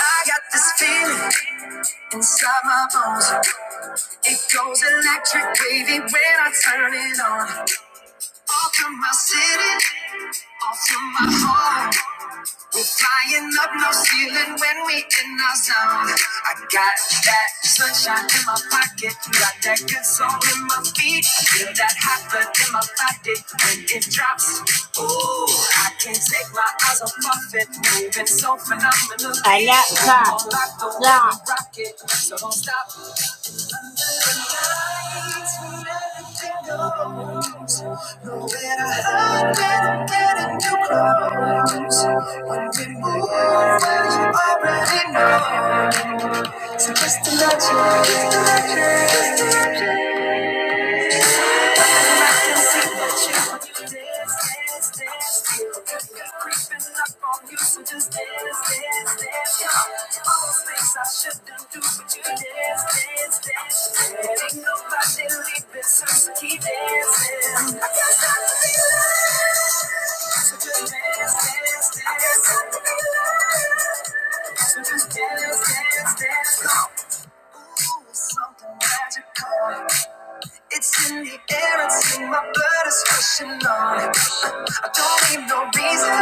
I got this feeling inside my bones. It goes electric, baby, when I turn it on. All through my city, all through my home. We're flying up no ceiling when we in our zone. I got that sunshine in my pocket, got that good soul in my feet. I feel that hot blood in my body when it drops. Ooh, I can't take my eyes off of it, moving so phenomenally. Alexa, Come on, like so don't stop. Lights when everything goes. I'm getting too close. Already know. And I can see that you dance, dance, dance. Creeping up on you, so just dance, dance, dance. All those things I shouldn't do, but you dance, dance, dance. Ain't nobody leaving, so just keep dancing. I can't stop, it. so just dance, dance, dance. I can't stop, it. so just dance, dance, dance. Go. Ooh, something magical. It's in the air, it's in my blood, it's rushing on. I don't need no reason,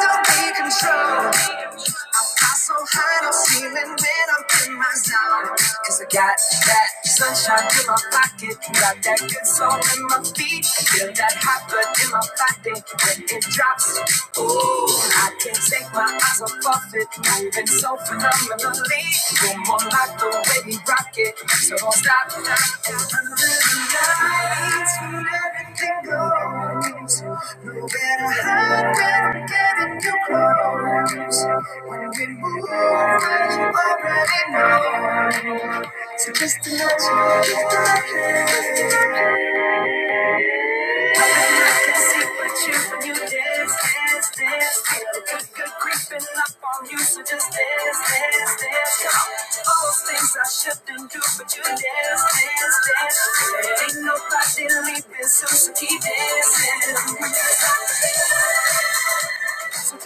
don't be control. I fly so high, no ceiling when I'm in my zone. Cause I got that sunshine in my pocket, got that good soul in my feet. I feel that hot blood in my body when it drops. Ooh, I can't take my eyes off of it. Moving so phenomenally. You're more like the way we rock it. So don't stop. Under the lights, when everything goes. No better hide than getting you close. When we move, you already know. So just to let you, just to let you so I so, so So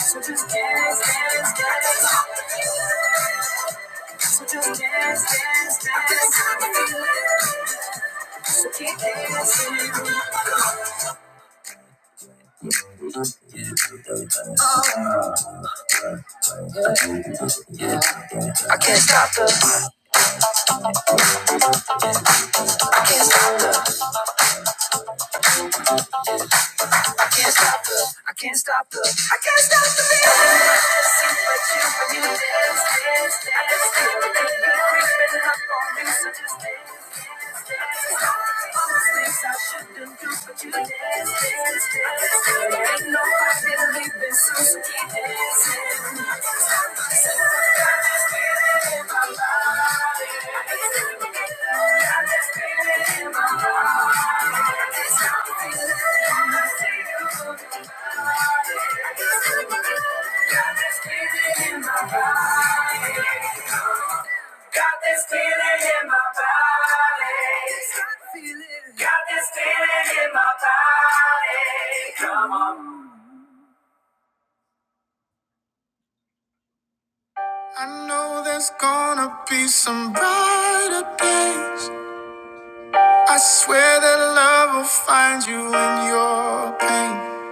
So So So can't stop the. I can't stop the, I can't stop the feeling. I just see what you, when you dance, dance, dance. I just feel it it be creeping up on me, so just dance. dance, dance. All the things I shouldn't do, but you dance, dance, dance. I just feel it, Ain't nobody leaving soon, so keep dancing. I can't stop the feeling. I just feel it in my body. I can't stop the feeling. Got this feeling in my body. Got this feeling in my body. Come on. I know there's gonna be some brighter days. I swear that love will find you in your pain.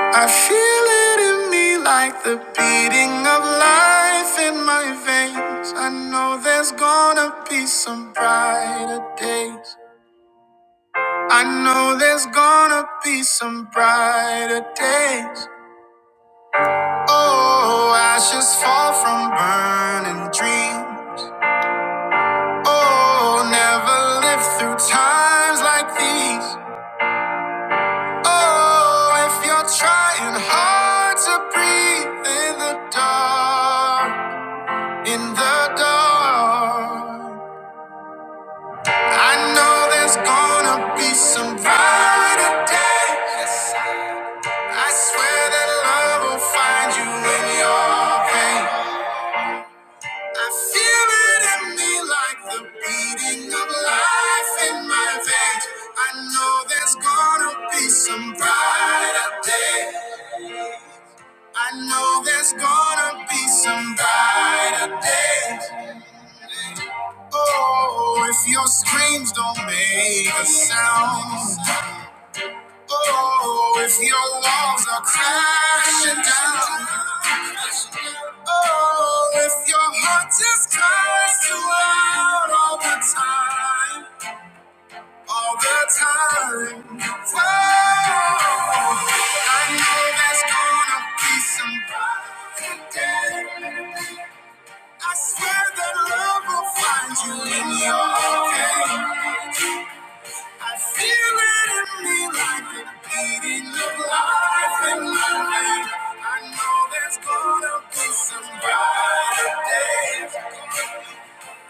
I feel it in me like the beating of life in my veins. I know there's gonna be some brighter days. I know there's gonna be some brighter days. Oh, ashes fall from burning dreams. Oh, never lived through times like these. Oh, if you're trying hard to breathe in the dark, in the dark, I know there's gonna be some brighter day. Yes, I swear that love will find you in your pain. I feel it in me like the beating of life in my veins. I know there's gonna be some brighter day. I know there's gonna be some brighter days. Oh, if your screams don't make a sound. Oh, if your walls are crashing down. Oh, if your heart just cries you out all the time. All the time. Oh, I know there's gonna be some brighter days. I swear that love will find you in your pain. I feel it in me like the beating of life in my veins. I know there's gonna be some brighter days.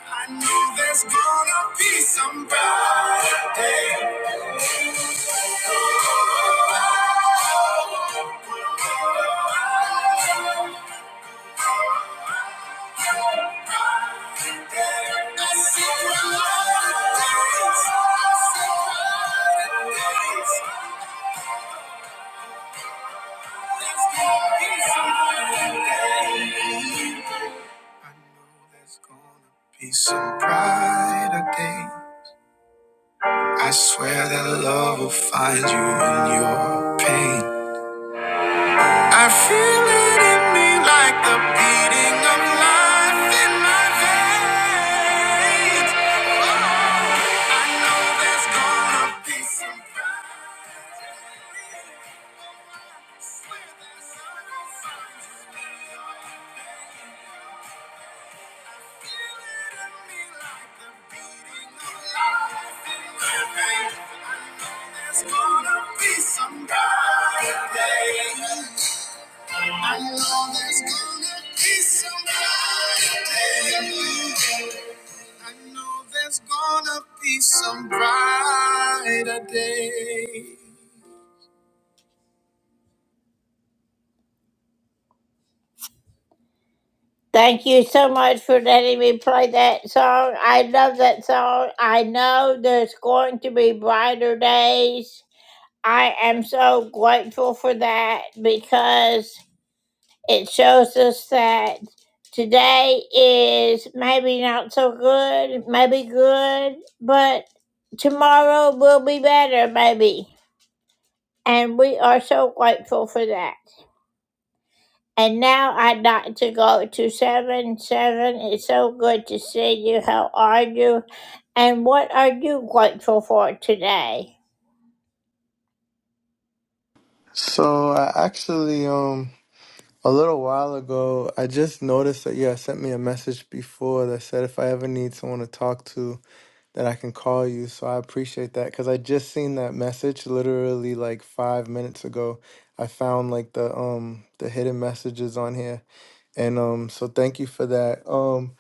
I know there's gonna be some brighter days. Oh, oh, oh, oh, oh, oh, oh. I know there's gonna be some brighter day. I swear that love will find you in your pain. I feel it in me like the beating of life in my veins. I know there's gonna be some. I know there's gonna be some brighter day. I know there's gonna be some brighter day. Thank you so much for letting me play that song. I love that song. I know there's going to be brighter days. I am so grateful for that because it shows us that today is maybe not so good, maybe good, but tomorrow will be better, maybe. And we are so grateful for that. And now I'd like to go to seven seven. It's so good to see you. How are you? And what are you grateful for today? So I actually um a little while ago I just noticed that you had sent me a message before that said if I ever need someone to talk to that I can call you. So I appreciate that because I just seen that message literally like five minutes ago. I found like the um the hidden messages on here and um so thank you for that. Um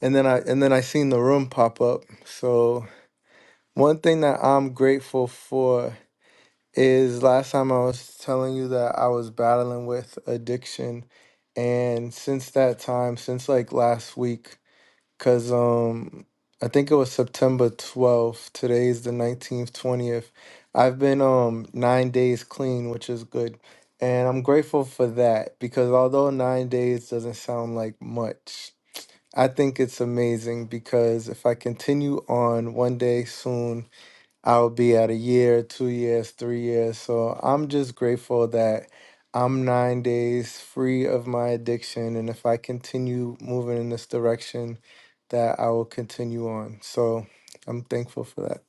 and then I and then I seen the room pop up. So one thing that I'm grateful for is last time I was telling you that I was battling with addiction and since that time since like last week cuz um I think it was September 12th today is the 19th 20th I've been um 9 days clean which is good and I'm grateful for that because although 9 days doesn't sound like much I think it's amazing because if I continue on one day soon I'll be at a year, two years, three years. So I'm just grateful that I'm nine days free of my addiction. And if I continue moving in this direction, that I will continue on. So I'm thankful for that.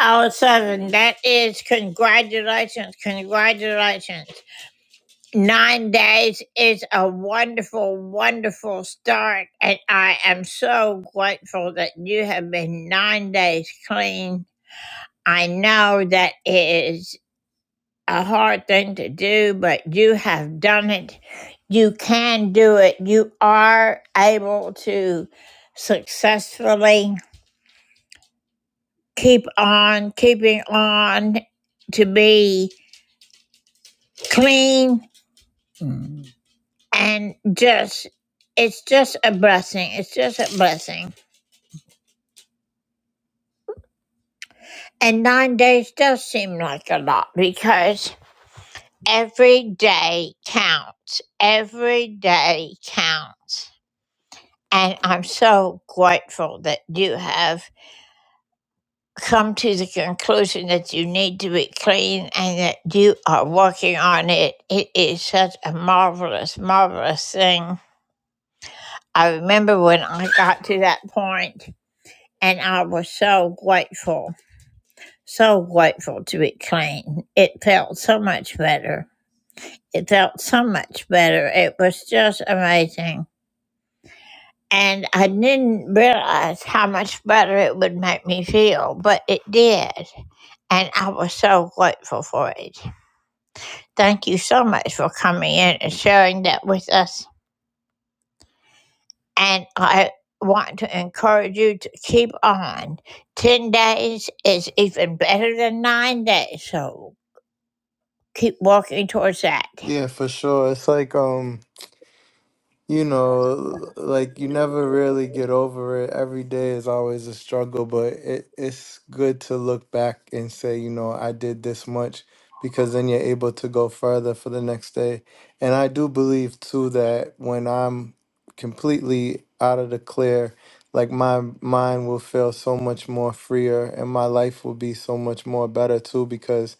Oh, seven. That is congratulations, congratulations. Nine days is a wonderful, wonderful start, and I am so grateful that you have been nine days clean. I know that is. a hard thing to do, but you have done it. You can do it. You are able to successfully keep on keeping on to be clean and just, it's just a blessing. It's just a blessing. And nine days does seem like a lot because every day counts. Every day counts And I'm so grateful that you have come to the conclusion that you need to be clean and that you are working on it. It is such a marvelous, marvelous thing. I remember when I got to that point and I was so grateful, so grateful to be clean. It felt so much better. It felt so much better. It was just amazing. and I didn't realize how much better it would make me feel, but it did. And I was so grateful for it. Thank you so much for coming in and sharing that with us. And I want to encourage you to keep on. 10 days is even better than nine days, so keep working towards that. Yeah, for sure. It's like, um, you know, like you never really get over it. Every day is always a struggle, but it, it's good to look back and say, you know, I did this much because then you're able to go further for the next day. And I do believe too that when I'm completely out of the clear, like my mind will feel so much more freer and my life will be so much more better too because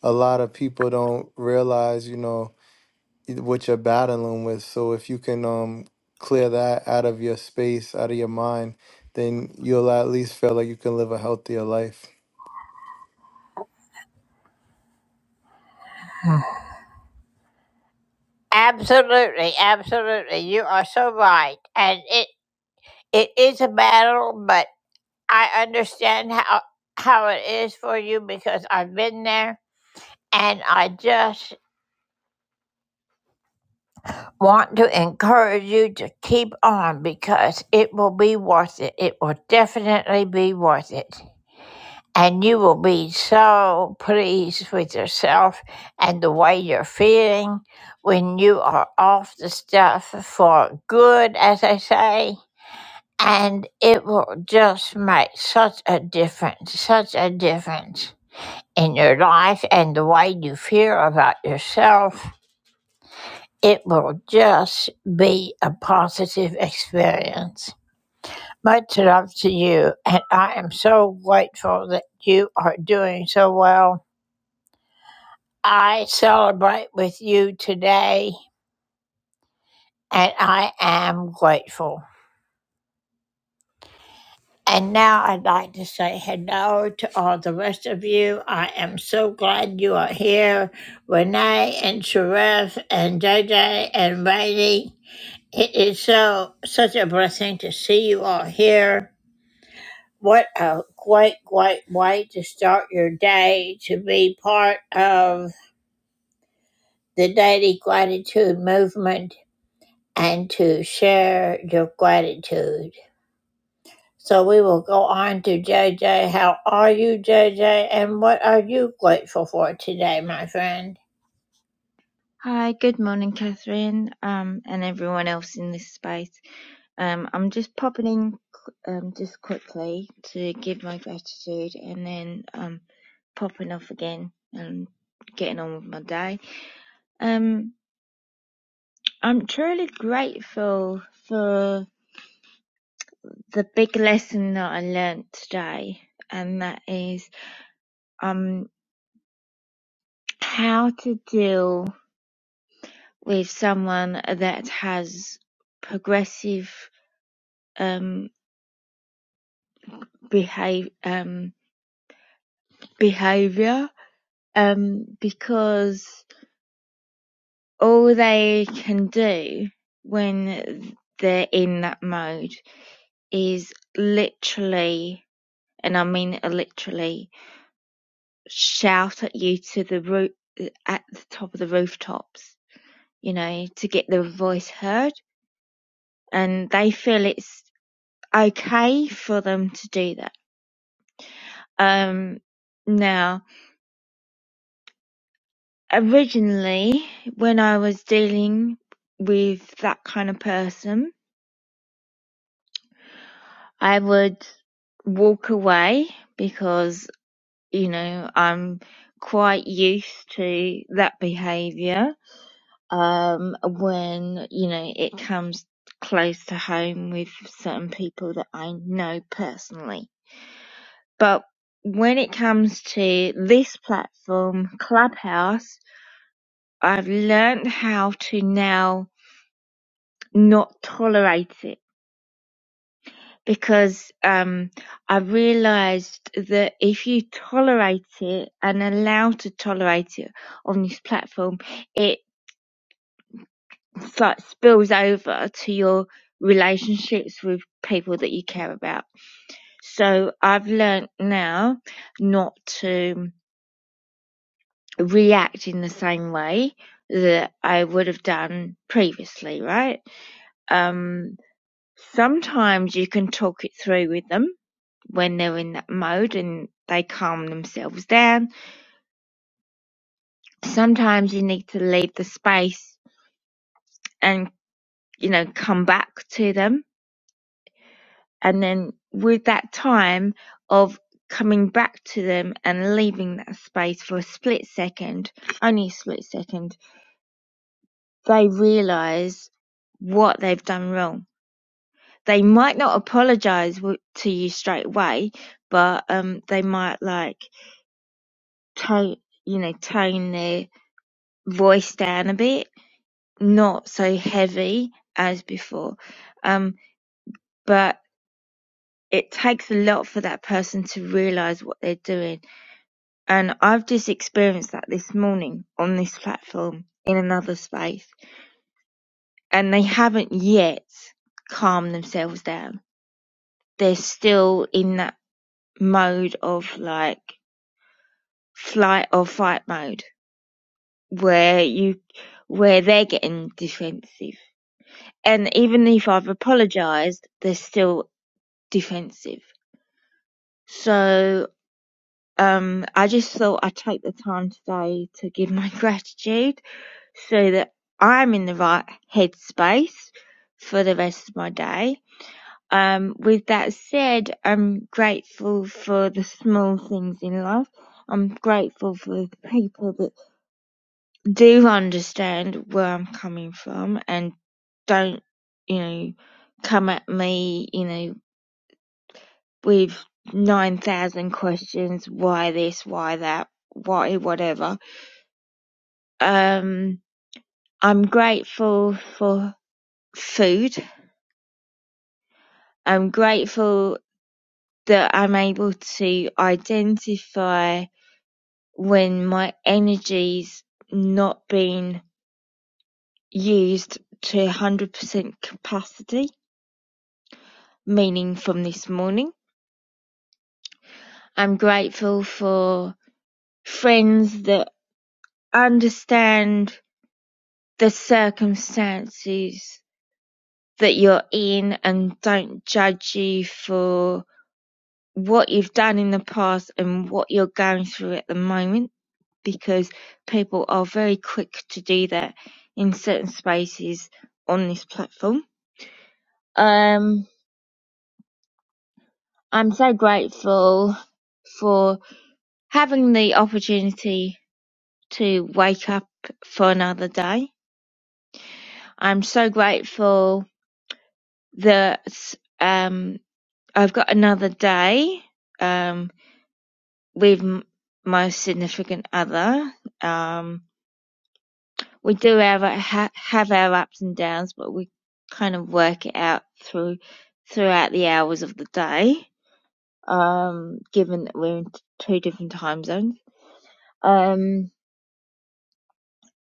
a lot of people don't realize, you know, what you're battling with. So if you can um clear that out of your space, out of your mind, then you'll at least feel like you can live a healthier life. Absolutely, absolutely. You are so right. And it it is a battle, but I understand how how it is for you because I've been there and I just want to encourage you to keep on because it will be worth it. It will definitely be worth it. And you will be so pleased with yourself and the way you're feeling when you are off the stuff for good, as I say. And it will just make such a difference, such a difference. in your life and the way you feel about yourself, it will just be a positive experience. Much love to you, and I am so grateful that you are doing so well. I celebrate with you today, and I am grateful. And now I'd like to say hello to all the rest of you. I am so glad you are here. Renee and Sharif and JJ and Rainey It is so such a blessing to see you all here. What a great, great way to start your day to be part of the daily gratitude movement and to share your gratitude. So we will go on to JJ. How are you, JJ? And what are you grateful for today, my friend? Hi, good morning, Catherine, um, and everyone else in this space. Um, I'm just popping in um, just quickly to give my gratitude and then um, popping off again and getting on with my day. Um, I'm truly grateful for the big lesson that I learnt today, and that is um, how to deal with someone that has progressive um behav um, behavior um, because all they can do when they're in that mode is literally, and I mean literally, shout at you to the roof at the top of the rooftops, you know, to get their voice heard, and they feel it's okay for them to do that. Um, now Originally, when I was dealing with that kind of person, I would walk away because, you know, I'm quite used to that behavior um, when, you know, it comes close to home with certain people that I know personally. But when it comes to this platform, Clubhouse, I've learned how to now not tolerate it because um, I realized that if you tolerate it and allow to tolerate it on this platform, it like spills over to your relationships with people that you care about. So I've learnt now not to react in the same way that I would have done previously, right? Um, Sometimes you can talk it through with them when they're in that mode and they calm themselves down. Sometimes you need to leave the space and, you know, come back to them. And then with that time of coming back to them and leaving that space for a split second, only a split second, they realize what they've done wrong. They might not apologize to you straight away, but um, they might like tone, you know, tone their voice down a bit, not so heavy as before. Um, but it takes a lot for that person to realize what they're doing. And I've just experienced that this morning on this platform in another space. And they haven't yet calmed themselves down. They're still in that mode of like flight or fight mode where you, where they're getting defensive and even if I've apologized, they're still defensive. So um, I just thought I'd take the time today to give my gratitude so that I'm in the right headspace for the rest of my day. Um, with that said, I'm grateful for the small things in life. I'm grateful for the people that do understand where I'm coming from and don't, you know, come at me, you know, with 9,000 questions why this, why that, why whatever. Um, I'm grateful for food. I'm grateful that I'm able to identify when my energy's not being used to 100% capacity, meaning from this morning. I'm grateful for friends that understand the circumstances that you're in and don't judge you for what you've done in the past and what you're going through at the moment because people are very quick to do that in certain spaces on this platform. Um, I'm so grateful for having the opportunity to wake up for another day. I'm so grateful that um, I've got another day. Um, with m- my significant other. Um, we do have ha- have our ups and downs, but we kind of work it out through throughout the hours of the day. Um, given that we're in t- two different time zones, um,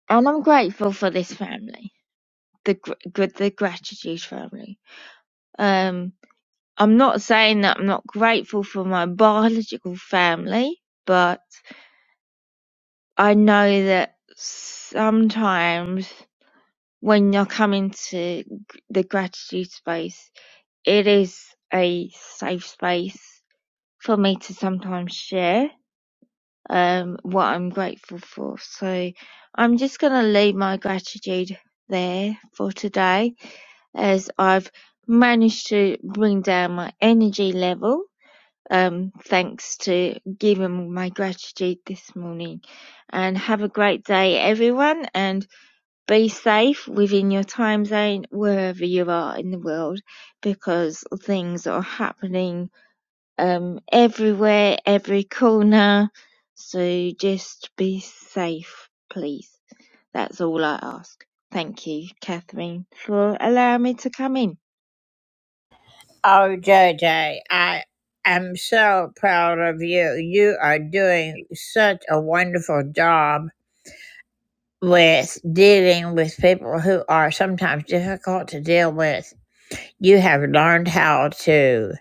and I'm grateful for this family, the gr- good the gratitude family. Um, I'm not saying that I'm not grateful for my biological family, but I know that sometimes when you're coming to the gratitude space, it is a safe space for me to sometimes share um, what I'm grateful for. So I'm just going to leave my gratitude there for today as I've managed to bring down my energy level. Um, thanks to giving my gratitude this morning and have a great day everyone and be safe within your time zone wherever you are in the world because things are happening um everywhere every corner so just be safe please that's all i ask thank you catherine for allowing me to come in Oh, JJ, I am so proud of you. You are doing such a wonderful job with dealing with people who are sometimes difficult to deal with. You have learned how to.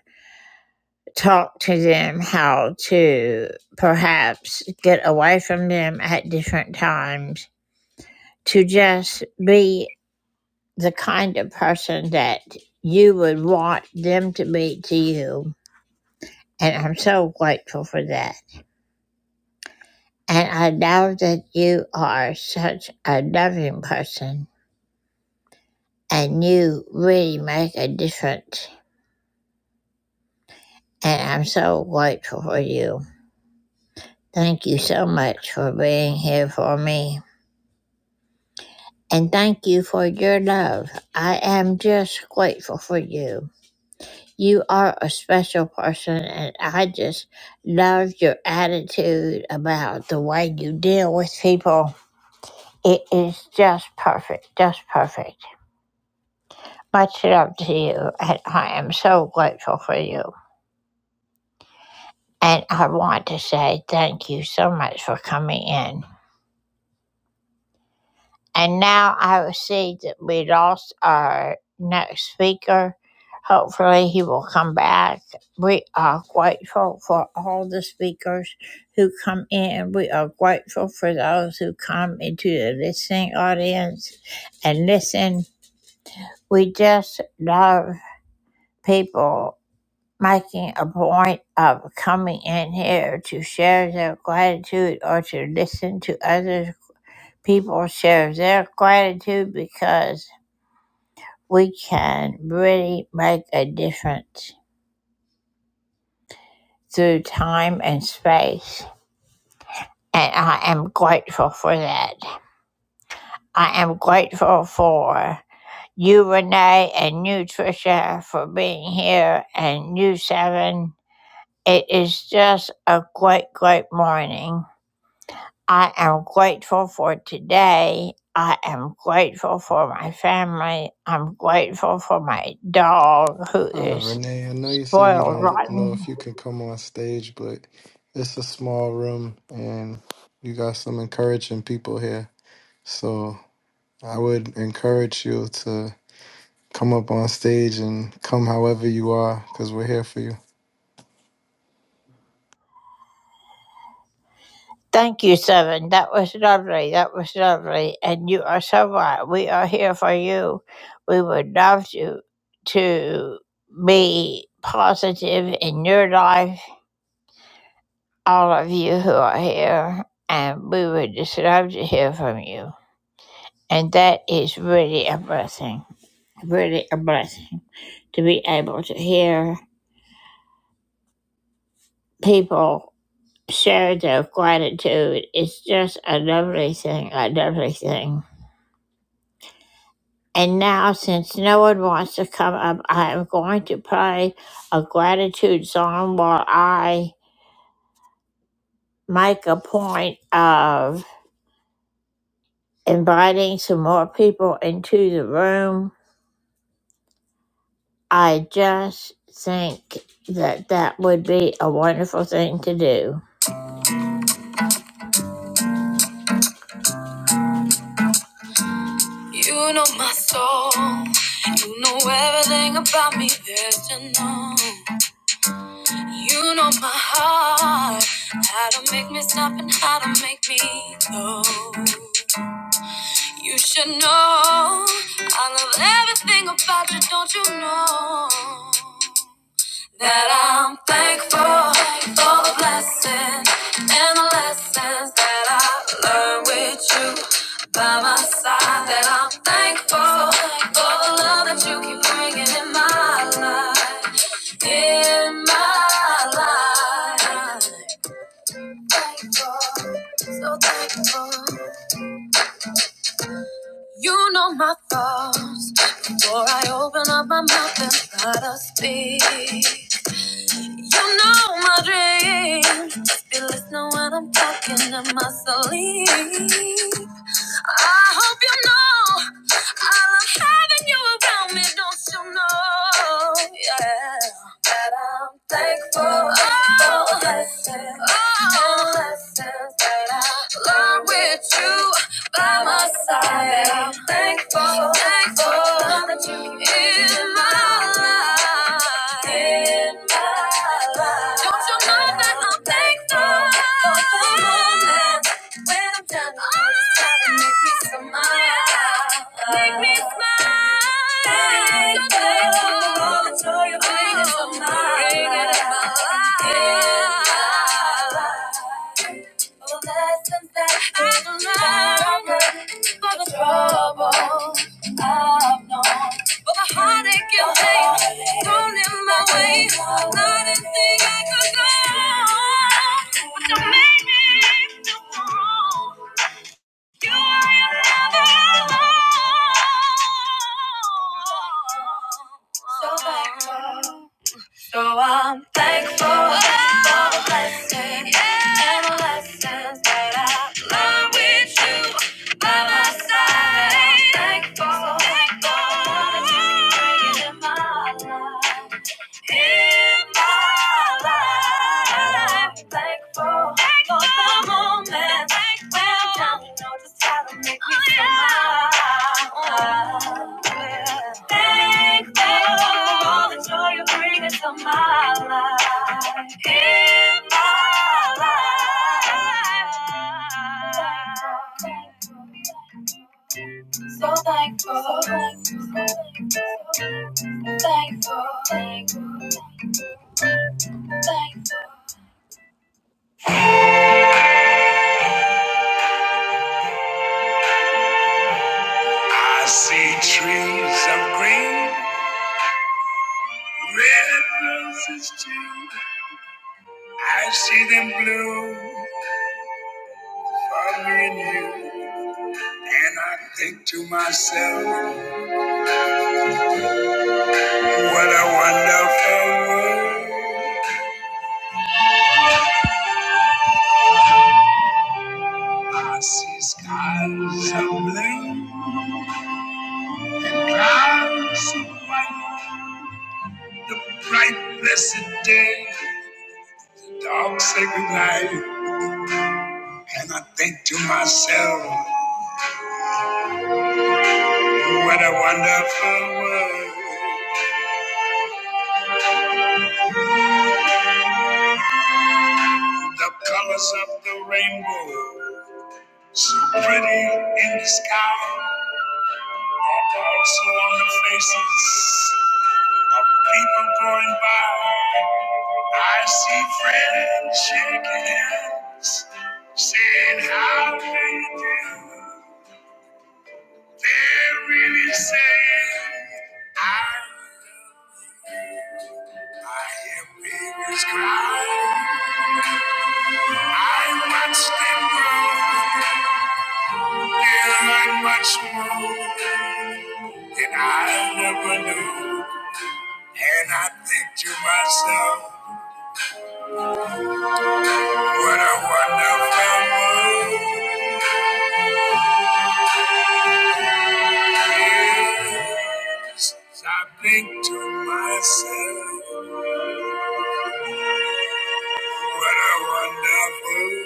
talk to them how to perhaps get away from them at different times to just be the kind of person that you would want them to be to you. And I'm so grateful for that. And I know that you are such a loving person and you really make a difference. And I'm so grateful for you. Thank you so much for being here for me. and thank you for your love. I am just grateful for you. You are a special person, and I just love your attitude about the way you deal with people. It is just perfect, just perfect. Much love to you, and I am so grateful for you. And I want to say thank you so much for coming in. And now I see that we lost our next speaker. Hopefully, he will come back. We are grateful for all the speakers who come in. We are grateful for those who come into the listening audience and listen. We just love people making a point of coming in here to share their gratitude or to listen to others people share their gratitude because we can really make a difference through time and space. And I am grateful for that. I am grateful for you, Renee, and you, Tricia, for being here, and you, Seven. It is just a great, great morning. I am grateful for today. I am grateful for my family. I'm grateful for my dog who Hi, is Renee. I know you said you spoiled don't know rotten. if you can come on stage, but it's a small room and you got some encouraging people here. So I would encourage you to come up on stage and come however you are because we're here for you. Thank you, Seven. That was lovely. That was lovely. And you are so right. We are here for you. We would love to to be positive in your life, all of you who are here, and we would just love to hear from you. And that is really a blessing. Really a blessing to be able to hear people share their gratitude. It's just a lovely thing, a lovely thing. And now, since no one wants to come up, I am going to play a gratitude song while I make a point of inviting some more people into the room. I just think that that would be a wonderful thing to do. You know my soul, you know everything about me, there's to know. You know my heart, how to make me stop and how to make me go. You should know I love everything about you, don't you know? That I'm thankful for the blessings and the lessons that I learned with you by my side. That I'm thankful for the love that you keep bringing in my life, in my life. Thankful, so thankful. You know my thoughts before I open up my mouth and try to speak. You know my dream. Just be listening when I'm talking in my sleep. I hope you know I love having you around me. Don't you know? Yeah that I'm thankful for the lessons and the lessons that I learned with you by my side. And I'm thankful, thankful that you in my life, in my life. Don't you know that I'm thankful for the moments when I'm down and all this time and make me smile, make me smile. Thankful for all the joy you bring. So thankful. So I'm thankful for the blessings and the lessons that I learned with you by my side. I'm Thankful, thankful that you bring it in my life in my life. And I'm thankful for the moments when down, you know just how to make me smile. Thankful for all the joy you bring into my life. In my life. So thankful, so thankful, so thankful, thankful, thankful. I see trees of green, red roses too. I see them bloom for me and you. And I think to myself, what a wonderful world. I see skies of blue and clouds of white. The bright, blessed day, dark, sacred night. And I think to myself, what a wonderful world. The colors of the rainbow, so pretty in the sky, are also on the faces of people going by. I see friends shaking hands, saying how do you do. They're really saying, I, I hear babies cry. I watch them grow. they learn much more. that I never knew. And I think to myself, what a wonderful world. Yes, I think to myself, what a wonderful. world.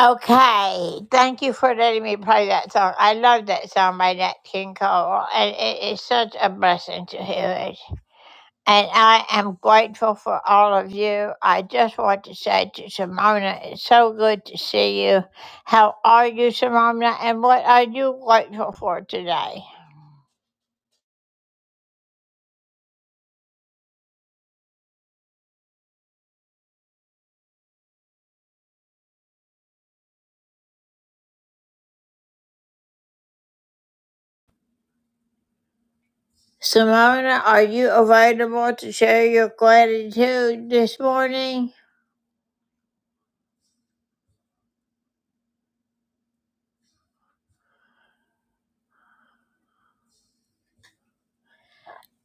Okay, thank you for letting me play that song. I love that song by Nat King Cole, and it is such a blessing to hear it. And I am grateful for all of you. I just want to say to Simona, it's so good to see you. How are you, Simona? And what are you grateful for today? Simona, are you available to share your gratitude this morning?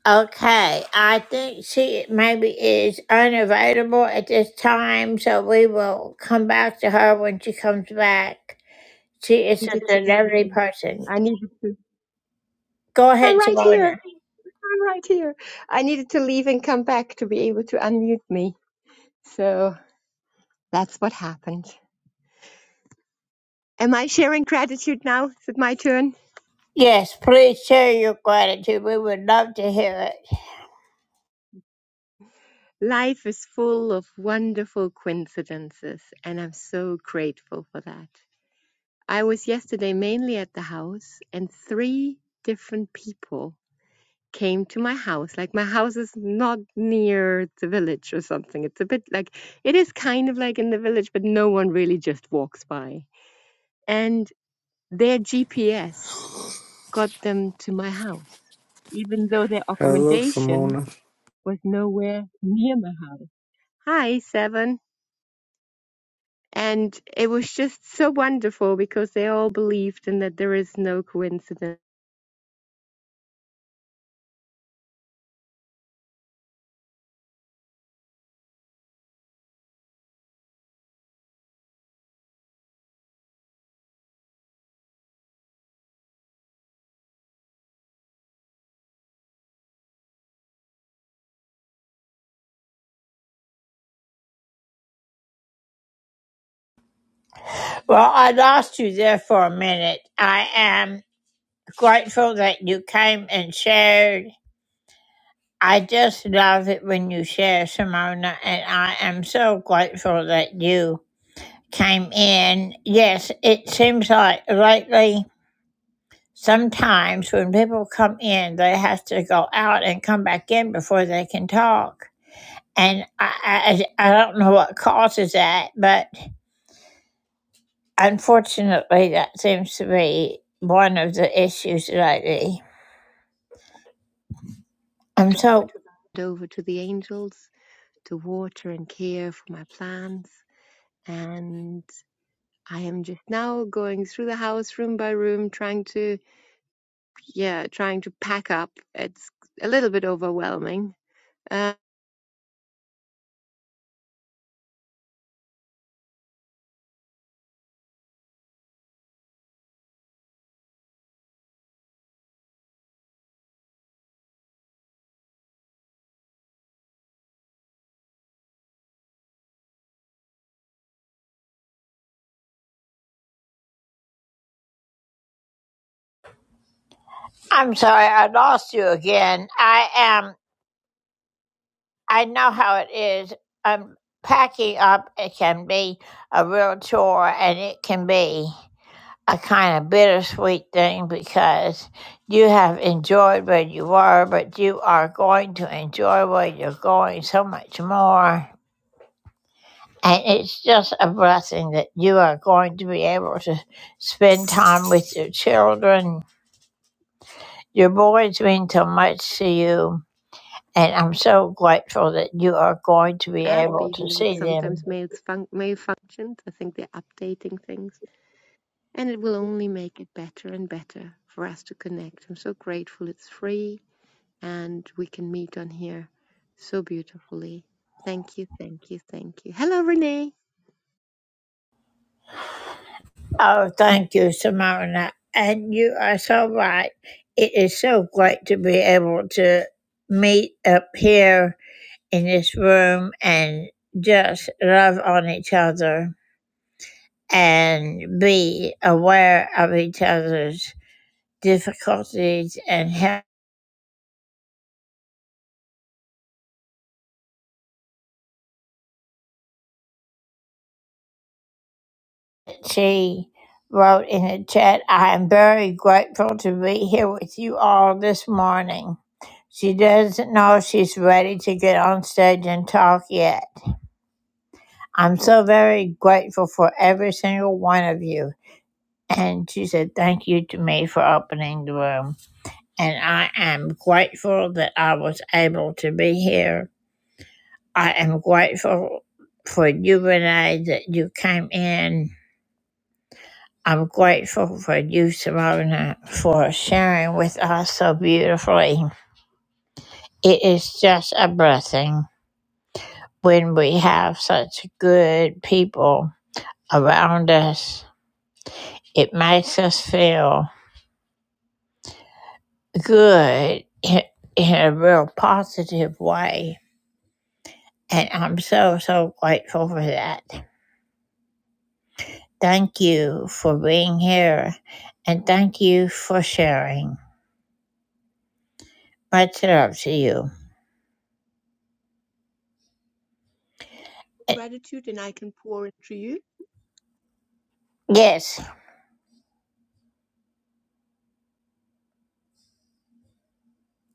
Okay, I think she maybe is unavailable at this time, so we will come back to her when she comes back. She is such needed to a leave. lovely and person. I needed to. Go I'm ahead, right here. Simona. I'm right here. I needed to leave and come back to be able to unmute me. So that's what happened. Am I sharing gratitude now? Is it my turn? Yes, please share your gratitude. We would love to hear it. Life is full of wonderful coincidences, and I'm so grateful for that. I was yesterday mainly at the house, and three different people came to my house. Like my house is not near the village or something. It's a bit like it is kind of like in the village, but no one really just walks by. And their GPS got them to my house, even though their Hello, accommodation Simona. was nowhere near my house. Hi, Seven. And it was just so wonderful because they all believed in that there is no coincidence. Well, I lost you there for a minute. I am grateful that you came and shared. I just love it when you share, Simona, and I am so grateful that you came in. Yes, it seems like lately, sometimes when people come in, they have to go out and come back in before they can talk. And I, I, I don't know what causes that, but unfortunately, that seems to be one of the issues lately. I'm so Over to the angels to water and care for my plants and I am just now going through the house room by room, trying to, yeah, trying to pack up. It's a little bit overwhelming. Uh, I'm sorry, I lost you again. I am. I know how it is. Um, packing up it can be a real chore, and it can be. a kind of bittersweet thing because you have enjoyed where you were, but you are going to enjoy where you're going so much more. And it's just a blessing that you are going to be able to spend time with your children. Your boys mean so much to you. And I'm so grateful that you are going to be app, able to even if it see them. sometimes mails malfunctions, I think they're updating things, and it will only make it better and better for us to connect. I'm so grateful it's free and we can meet on here so beautifully. Thank you, thank you, thank you. Hello, Renee. Oh, thank you, Simona. And you are so right. It is so great to be able to meet up here in this room and just love on each other and be aware of each other's. difficulties and help. She wrote in the chat, I am very grateful to be here with you all this morning. She doesn't know if she's ready to get on stage and talk yet. I'm so very grateful for every single one of you. And she said, Thank you to me for opening the room. And I am grateful that I was able to be here. I am grateful for you, Renee, that you came in I'm grateful for you, Simona, for sharing with us so beautifully. It is just a blessing when we have such good people around us. It makes us feel good in, in a real positive way. And I'm so, so grateful for that. Thank you for being here and thank you for sharing. Much love to you. Gratitude, and I can pour into you. Yes,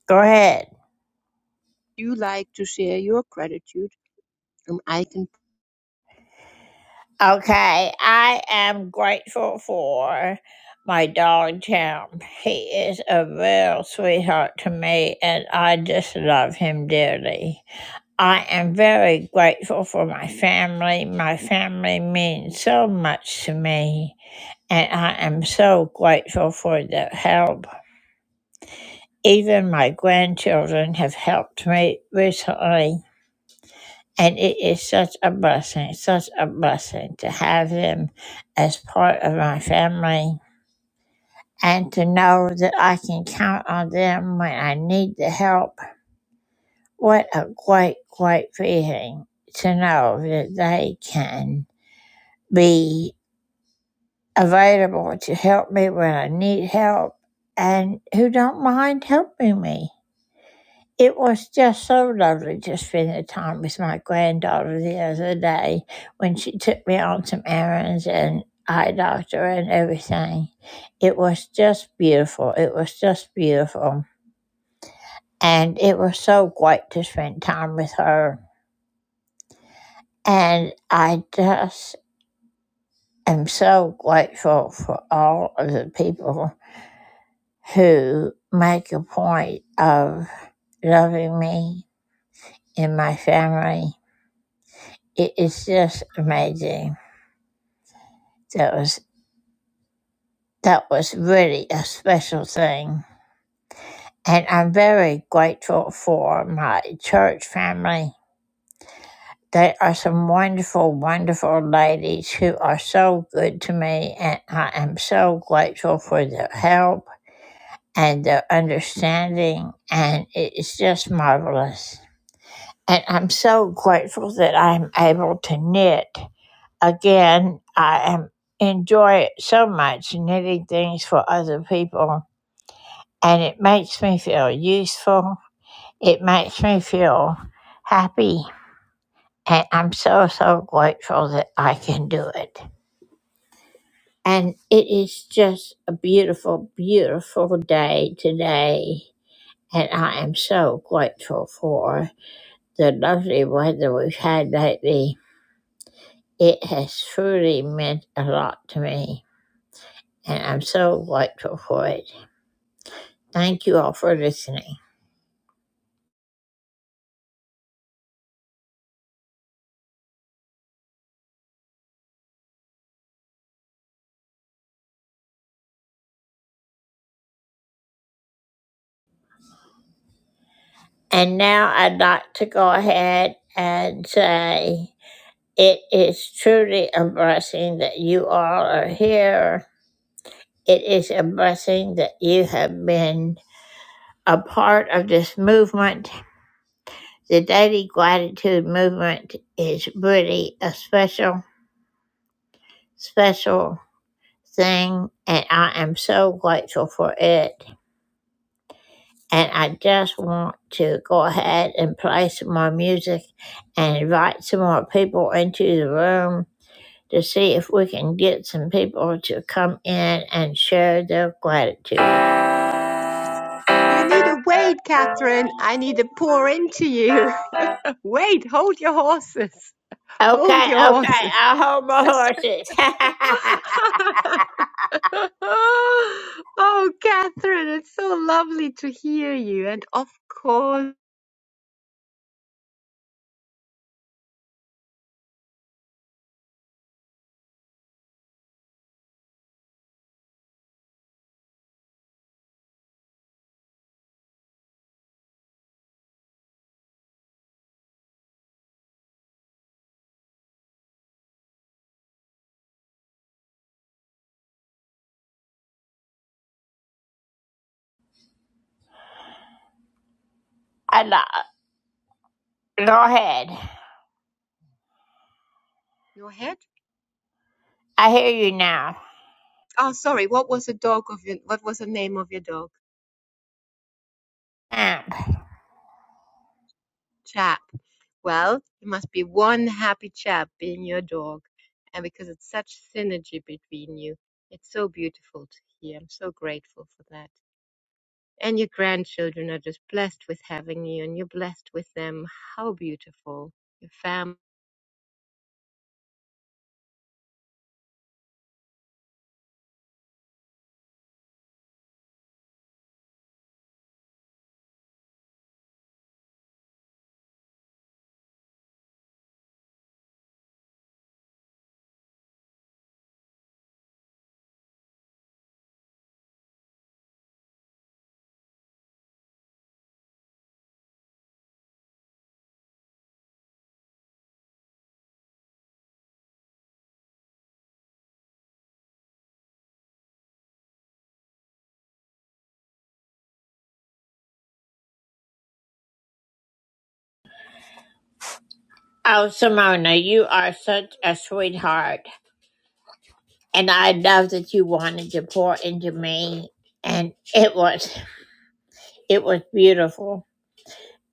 go ahead. You like to share your gratitude, and I can Okay, I am grateful for my dog Town. He is a real sweetheart to me, and I just love him dearly. I am very grateful for my family. My family means so much to me, and I am so grateful for their help. Even my grandchildren have helped me recently. And it is such a blessing, such a blessing to have them as part of my family and to know that I can count on them when I need the help. What a great, great feeling to know that they can be available to help me when I need help and who don't mind helping me. It was just so lovely to spend the time with my granddaughter the other day when she took me on some errands and eye doctor and everything. It was just beautiful. It was just beautiful. And it was so great to spend time with her. And I just am so grateful for all of the people who make a point of loving me and my family It is just amazing. That was that was really a special thing. And I'm very grateful for my church family. They are some wonderful, wonderful ladies who are so good to me, and I am so grateful for their help and their understanding, and it is just marvelous. And I'm so grateful that I'm able to knit. again, I am, enjoy it so much, knitting things for other people. And it makes me feel useful. It makes me feel happy. And I'm so, so grateful that I can do it. And it is just a beautiful, beautiful day today. And I am so grateful for the lovely weather we've had lately. It has truly meant a lot to me. And I'm so grateful for it. Thank you all for listening. And now I'd like to go ahead and say it is truly a blessing that you all are here. It is a blessing that you have been a part of this movement. The Daily Gratitude Movement is really a special, special thing, and I am so grateful for it. And I just want to go ahead and play some more music and invite some more people into the room to see if we can get some people to come in and share their gratitude. Okay, You need a wait, Catherine. I need to pour into you. Wait, hold your horses. Hold okay, your horses. I'll hold my horses. oh, Catherine, it's so lovely to hear you. And of course, I Go ahead. your head. I hear you now. Oh, sorry. What was the dog of your? What was the name of your dog? Amp. Chap. Well, you must be one happy chap being your dog, and because it's such synergy between you, it's so beautiful to hear. I'm so grateful for that. And your grandchildren are just blessed with having you and you're blessed with them. How beautiful. Your family. Oh, Simona, you are such a sweetheart. And I love that you wanted to pour into me. And it was it was beautiful.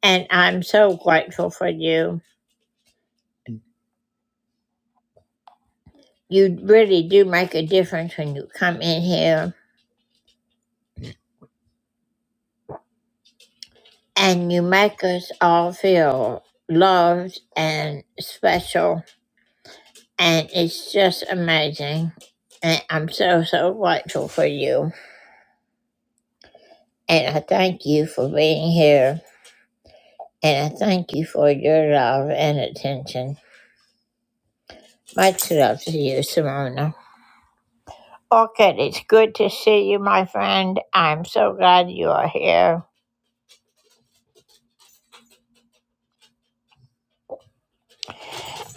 And I'm so grateful for you. You really do make a difference when you come in here and you make us all feel loved and special. And it's just amazing. And I'm so, so grateful for you. And I thank you for being here. And I thank you for your love and attention. Much love to you, Simona. Orchid, it's good to see you, my friend. I'm so glad you are here.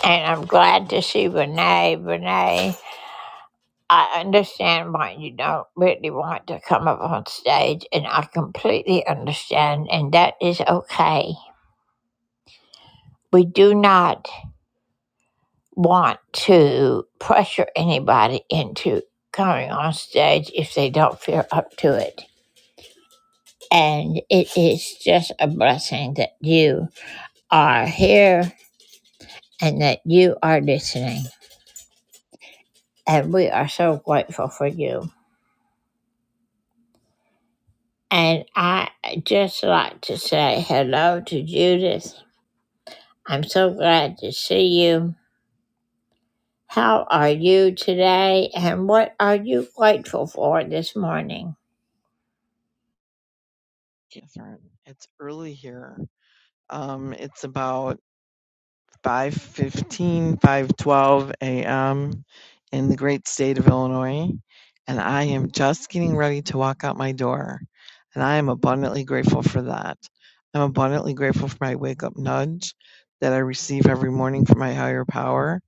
And I'm glad to see Renee. Renee, I understand why you don't really want to come up on stage, and I completely understand, and that is okay. We do not want to pressure anybody into coming on stage if they don't feel up to it. And it is just a blessing that you are here and that you are listening. And we are so grateful for you. And I just like to say hello to Judith. I'm so glad to see you. How are you today? And what are you grateful for this morning? different. It's early here. Um, it's about five fifteen, five twelve a.m. in the great state of Illinois, and I am just getting ready to walk out my door. And I am abundantly grateful for that. I'm abundantly grateful for my wake up nudge that I receive every morning from my higher power.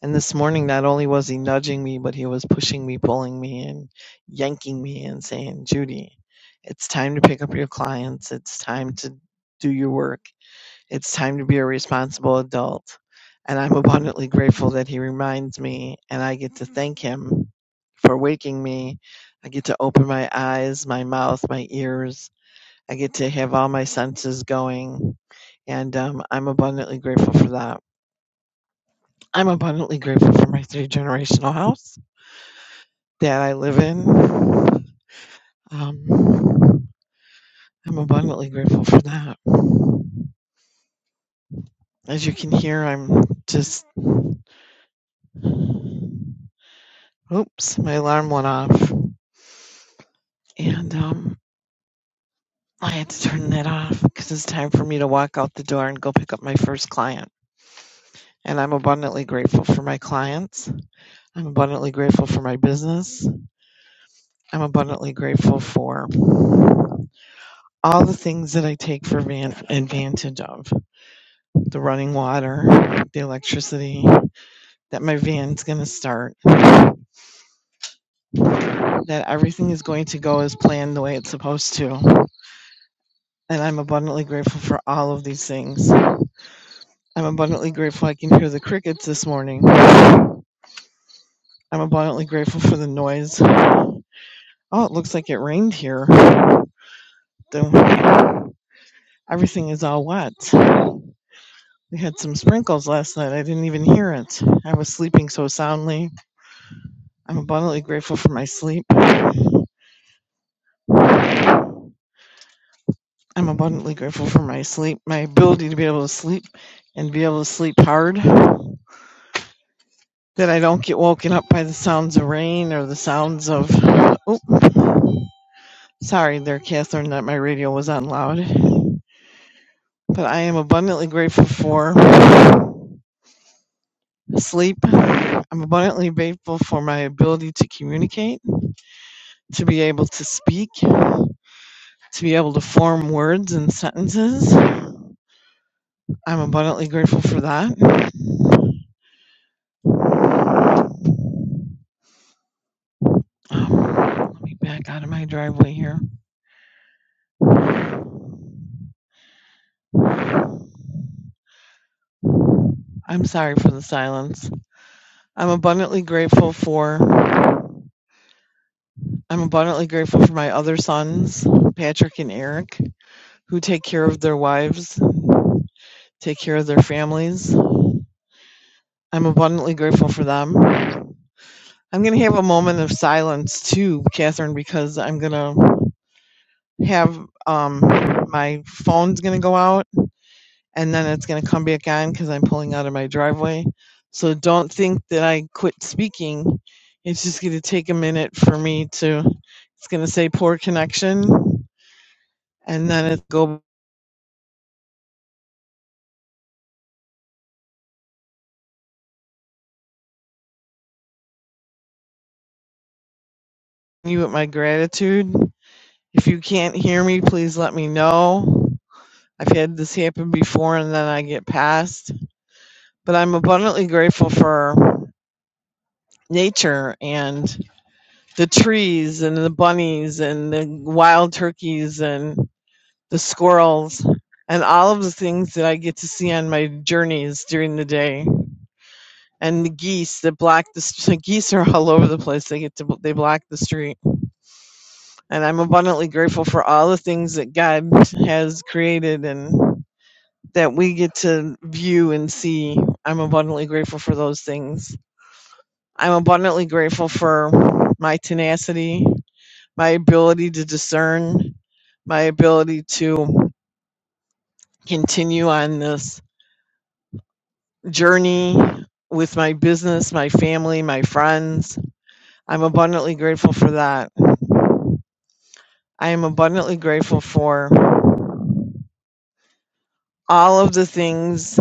And this morning, not only was he nudging me, but he was pushing me, pulling me, and yanking me and saying, Judy, it's time to pick up your clients. It's time to do your work it's time to be a responsible adult. And I'm abundantly grateful that he reminds me and I get to thank him for waking me. I get to open my eyes, my mouth, my ears. I get to have all my senses going. And um, I'm abundantly grateful for that. I'm abundantly grateful for my three generational house that I live in. Um, I'm abundantly grateful for that. As you can hear, I'm just Oops, my alarm went off. And um, I had to turn that off because it's time for me to walk out the door and go pick up my first client. And I'm abundantly grateful for my clients. I'm abundantly grateful for my business. I'm abundantly grateful for all the things that I take for van- advantage of the running water, the electricity, that my van's going to start, that everything is going to go as planned the way it's supposed to. And I'm abundantly grateful for all of these things. I'm abundantly grateful I can hear the crickets this morning. I'm abundantly grateful for the noise. Oh, it looks like it rained here. The- Everything is all wet. We had some sprinkles last night. I didn't even hear it. I was sleeping so soundly. I'm abundantly grateful for my sleep. I'm abundantly grateful for my sleep, my ability to be able to sleep and be able to sleep hard. That I don't get woken up by the sounds of rain or the sounds of. Oop. Sorry there, Catherine, that my radio was on loud. But I am abundantly grateful for sleep. I'm abundantly grateful for my ability to communicate, to be able to speak, to be able to form words and sentences. I'm abundantly grateful for that. Um, let me back out of my driveway here. I'm sorry for the silence. I'm abundantly grateful for I'm abundantly grateful for my other sons, Patrick and Eric, who take care of their wives, take care of their families. I'm abundantly grateful for them. I'm going to have a moment of silence too, Catherine, because I'm going to have um, my phone's going to go out and then it's going to come back on because I'm pulling out of my driveway. So don't think that I quit speaking. It's just going to take a minute for me to, it's going to say poor connection and then it go you with my gratitude. If you can't hear me, please let me know. I've had this happen before and then I get past. But I'm abundantly grateful for nature and the trees and the bunnies and the wild turkeys and the squirrels and all of the things that I get to see on my journeys during the day. And the geese that block the, st- geese are all over the place. They get to, they block the street and I'm abundantly grateful for all the things that God has created and that we get to view and see. I'm abundantly grateful for those things. I'm abundantly grateful for my tenacity, my ability to discern, my ability to continue on this journey with my business, my family, my friends. I'm abundantly grateful for that. I am abundantly grateful for all of the things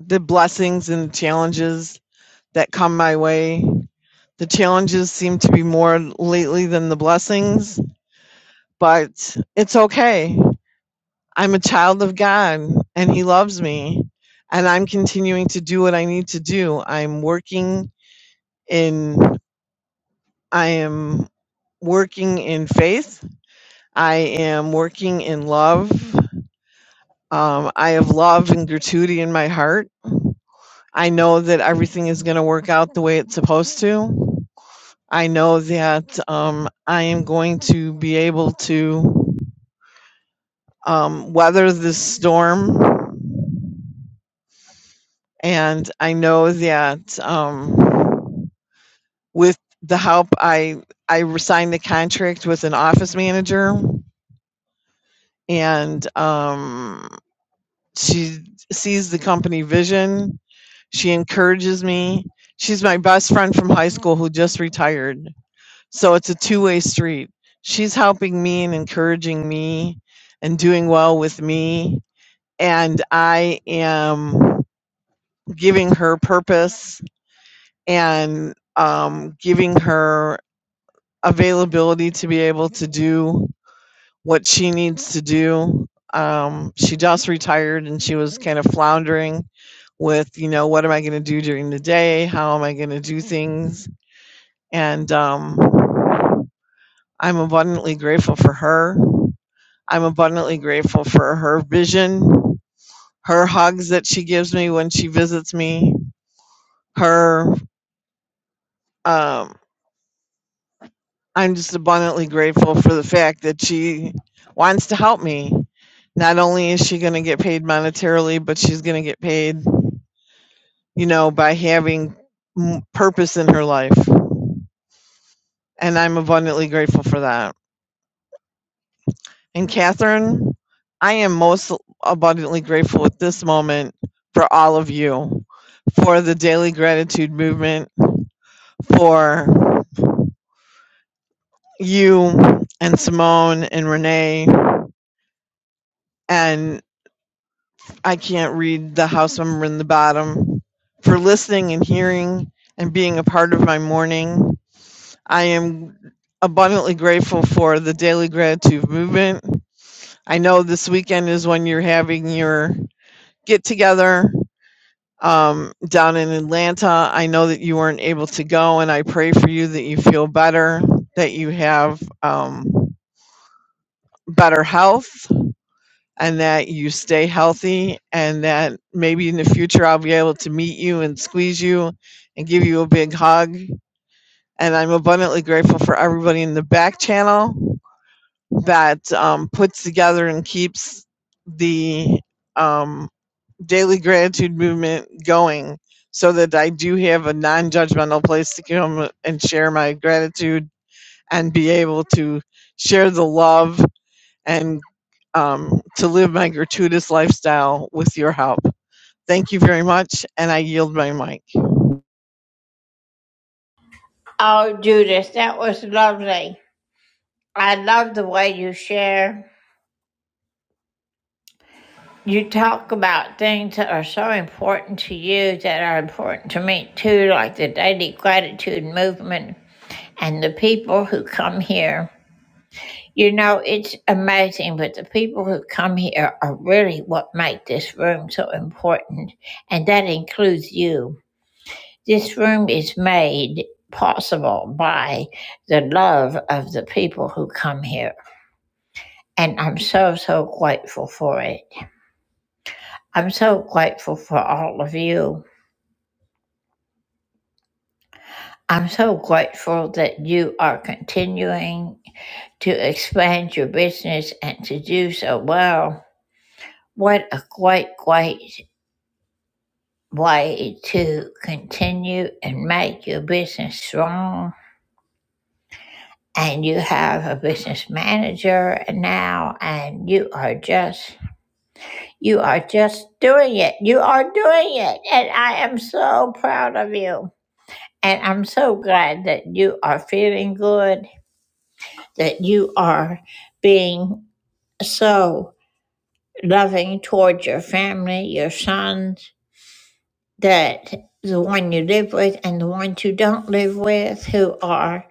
the blessings and challenges that come my way. The challenges seem to be more lately than the blessings, but it's okay. I'm a child of God and He loves me, and I'm continuing to do what I need to do. I'm working in, I am working in faith, I am working in love. Um, I have love and gratitude in my heart. I know that everything is going to work out the way it's supposed to I know that um, I am going to be able to um, weather this storm. And I know that um, with the help, I, I signed the contract with an office manager, and um, she sees the company vision. She encourages me. She's my best friend from high school who just retired. So it's a two-way street. She's helping me and encouraging me and doing well with me. And I am giving her purpose and um, giving her availability to be able to do what she needs to do. Um, she just retired and she was kind of floundering with, you know, what am I going to do during the day? How am I going to do things? And um, I'm abundantly grateful for her I'm abundantly grateful for her vision, her hugs that she gives me when she visits me, her um I'm just abundantly grateful for the fact that she wants to help me. Not only is she going to get paid monetarily, but she's going to get paid, you know, by having m- purpose in her life. And I'm abundantly grateful for that. And Catherine, I am most abundantly grateful at this moment for all of you, for the daily gratitude movement, for you and Simone and Renee, and I can't read the house member in the bottom, for listening and hearing and being a part of my morning. I am abundantly grateful for the daily gratitude movement. I know this weekend is when you're having your get together um, down in Atlanta. I know that you weren't able to go, and I pray for you that you feel better, that you have um, better health, and that you stay healthy, and that maybe in the future I'll be able to meet you and squeeze you and give you a big hug. And I'm abundantly grateful for everybody in the back channel that um, puts together and keeps the. um, daily gratitude movement going so that I do have a non judgmental place to come and share my gratitude and be able to share the love and um, to live my gratuitous lifestyle with your help. Thank you very much, and I yield my mic. Oh, Judith, that was lovely. I love the way you share. You talk about things that are so important to you that are important to me too, like the daily gratitude movement and the people who come here. You know, it's amazing, but the people who come here are really what make this room so important, and that includes you. This room is made possible by the love of the people who come here, and I'm so, so grateful for it. I'm so grateful for all of you. I'm so grateful that you are continuing to expand your business and to do so well. What a great, great way to continue and make your business strong. And you have a business manager now, and you are just, you are just doing it. You are doing it. And I am so proud of you. And I'm so glad that you are feeling good, that you are being so loving towards your family, your sons, that the one you live with and the ones you don't live with who are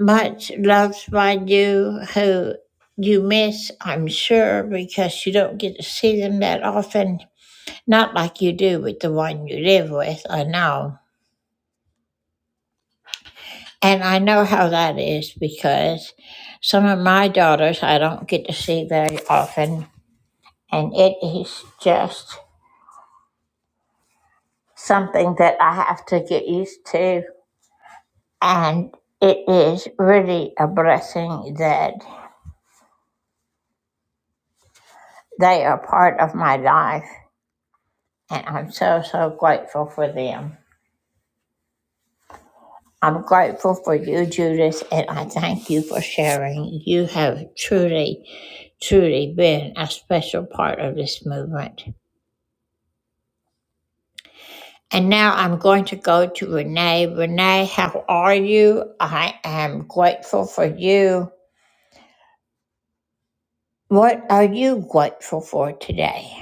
much loved by you, who you miss, I'm sure, because you don't get to see them that often. Not like you do with the one you live with, I know. And I know how that is because some of my daughters I don't get to see very often. And it is just something that I have to get used to. And it is really a blessing that they are part of my life. And I'm so, so grateful for them. I'm grateful for you, Judith, and I thank you for sharing. You have truly, truly been a special part of this movement. And now I'm going to go to Renee. Renee, how are you? I am grateful for you. What are you grateful for today?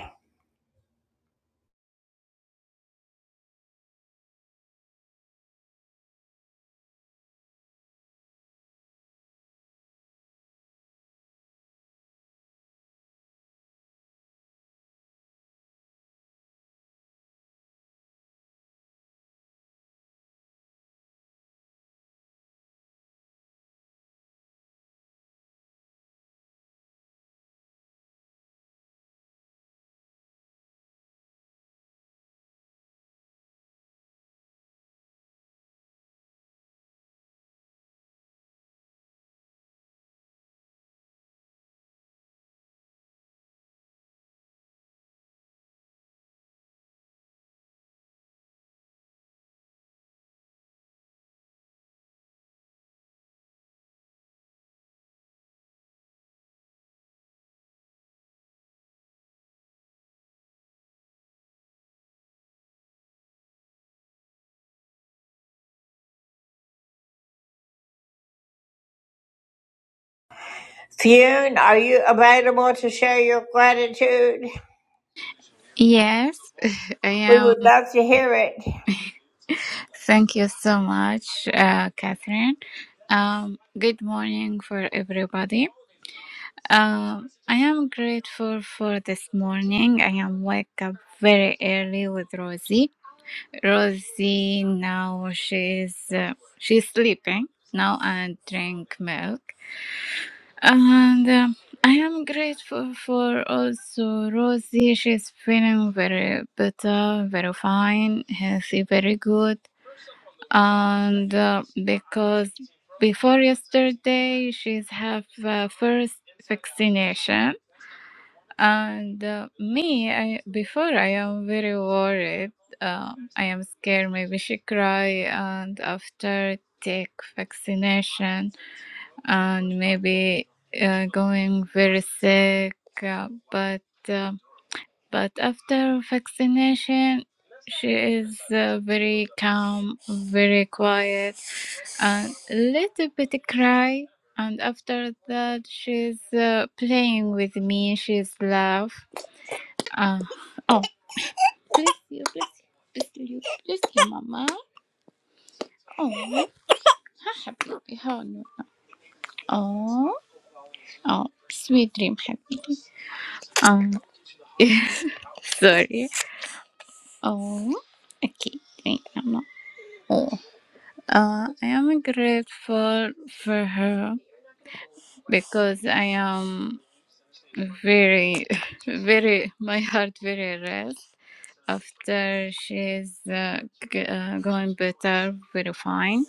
Fune, are you available to share your gratitude? Yes, I We am. would love to hear it. Thank you so much, uh, Catherine. Um, good morning for everybody. Um, I am grateful for this morning. I am wake up very early with Rosie. Rosie now she's uh, she's sleeping now and drink milk. And um, I am grateful for also Rosie. She's feeling very better, very fine, healthy, very good and uh, because before yesterday she's have uh, first vaccination and uh, me I, before i am very worried uh, i am scared maybe she cry and after take vaccination and maybe uh, going very sick uh, but uh, but after vaccination, she is uh, very calm, very quiet, and a little bit cry. And after that, she's uh, playing with me. She's laugh. Uh, oh, bless you, bless you, bless you, bless you, mama. Oh, happy, oh, no. oh, oh, sweet dream, happy. Um, sorry. Oh, okay, thank you, mama. Oh. Uh, I am grateful for her because I am very, very, my heart very rest after she's uh, g- uh, going better, very fine.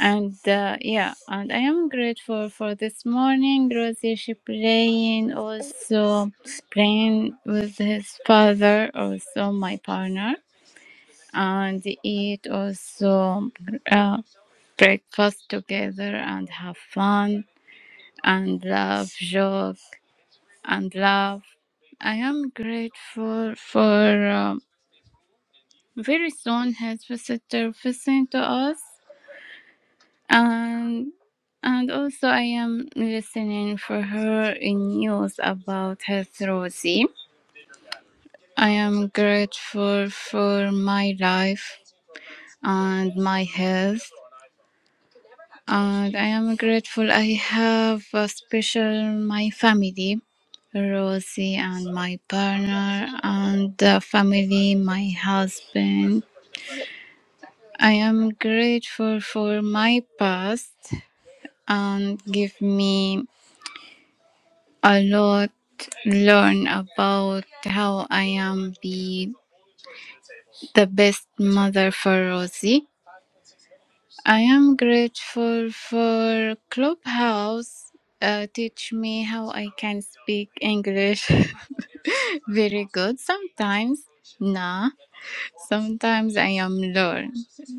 And uh, yeah, and I am grateful for this morning. Rosie, she playing also playing with his father, also my partner, and eat also. uh, breakfast together and have fun and laugh, joke and laugh. I am grateful for um, very soon head visitor visiting to us and and also I am listening for her in news about health Rosie. I am grateful for my life and my health. And I am grateful. I have a special my family, Rosie and my partner, and the family, my husband. I am grateful for my past and give me a lot learn about how I am be the best mother for Rosie. I am grateful for Clubhouse. Uh, teach me how I can speak English very good. Sometimes, nah. Sometimes I am learn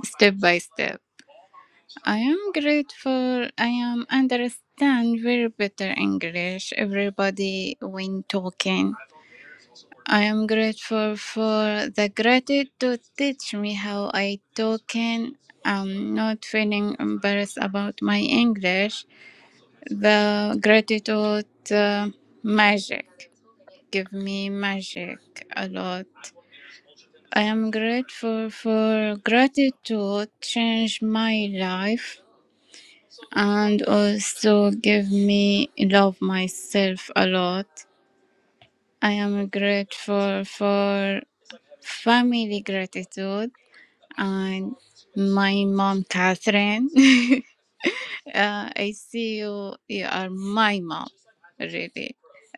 step by step. I am grateful. I am understand very better English. Everybody when talking. I am grateful for the gratitude teach me how I talk and I'm not feeling embarrassed about my English. The gratitude uh, magic give me magic a lot. I am grateful for gratitude change my life and also give me love myself a lot. I am grateful for family gratitude and my mom catherine uh, i see you you are my mom really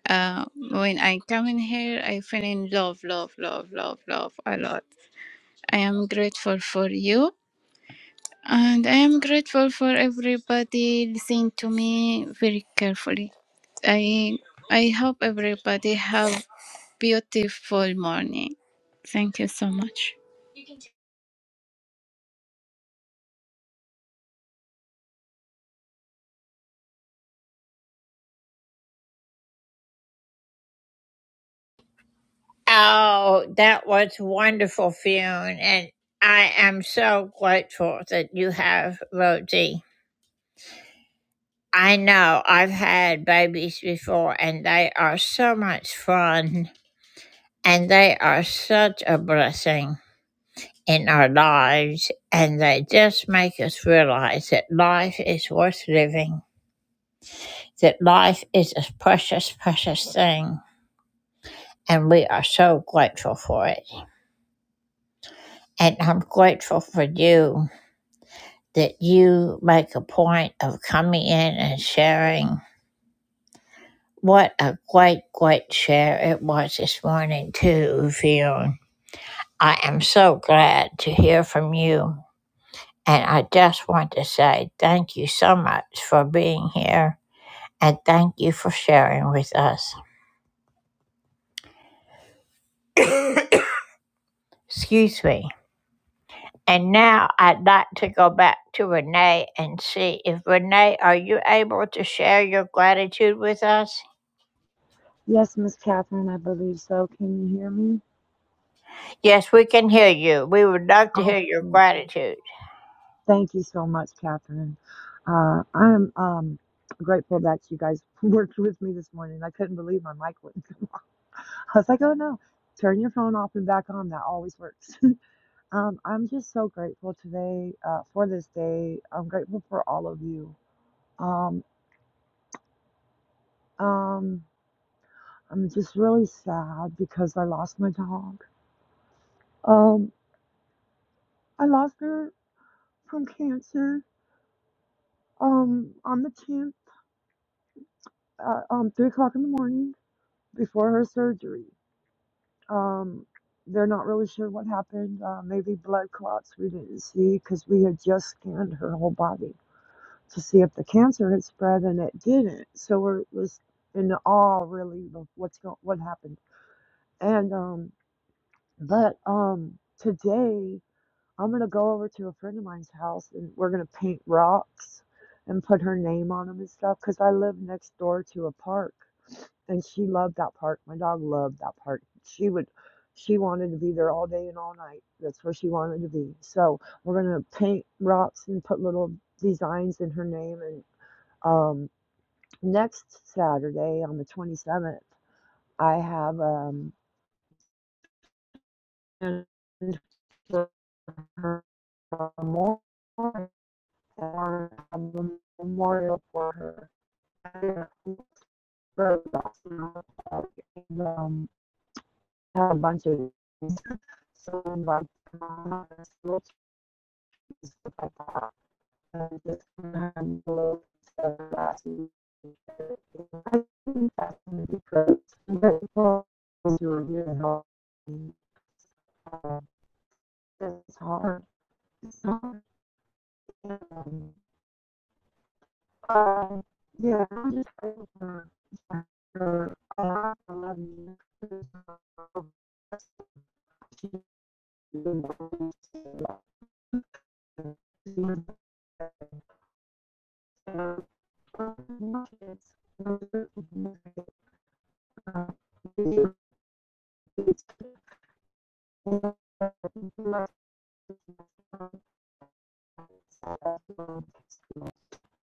uh, when i come in here i feel in love love love love love a lot i am grateful for you and i am grateful for everybody listening to me very carefully i i hope everybody have beautiful morning thank you so much Oh, that was wonderful, Fune. And I am so grateful that you have Rosie. I know I've had babies before, and they are so much fun, and they are such a blessing. in our lives, and they just make us realize that life is worth living, that life is a precious, precious thing, and we are so grateful for it. And I'm grateful for you that you make a point of coming in and sharing. What a great, great share it was this morning, too, Fionn. I am so glad to hear from you. And I just want to say thank you so much for being here and thank you for sharing with us. Excuse me. And now I'd like to go back to Renee and see if Renee, are you able to share your gratitude with us? Yes, Miss Catherine, I believe so. Can you hear me? Yes, we can hear you. We would love to Oh, hear your great. gratitude. Thank you so much, Catherine. Uh, I'm um, grateful that you guys worked with me this morning. I couldn't believe my mic wouldn't. I was like, oh no, turn your phone off and back on. That always works. um, I'm just so grateful today uh, for this day. I'm grateful for all of you. Um, um, I'm just really sad because I lost my dog. Um, I lost her from cancer um, on the 10th uh, um, three o'clock in the morning before her surgery. Um, they're not really sure what happened. Uh, maybe blood clots we didn't see because we had just scanned her whole body to see if the cancer had spread, and it didn't. So we're was in awe really of what's go- what happened. And um, but um, today I'm gonna go over to a friend of mine's house, and we're gonna paint rocks and put her name on them and stuff because I live next door to a park And she loved that park. My dog loved that park. She would, she wanted to be there all day and all night. That's where she wanted to be. So we're gonna paint rocks and put little designs in her name. And um, next Saturday on the 27th, I have um and for her memorial, a memorial for her. I um, have a bunch of some like um, lots of like And just handle stuff last I think that's going to be great. But for uh, it's hard. Uh, yeah, I'm just grateful for, for all love you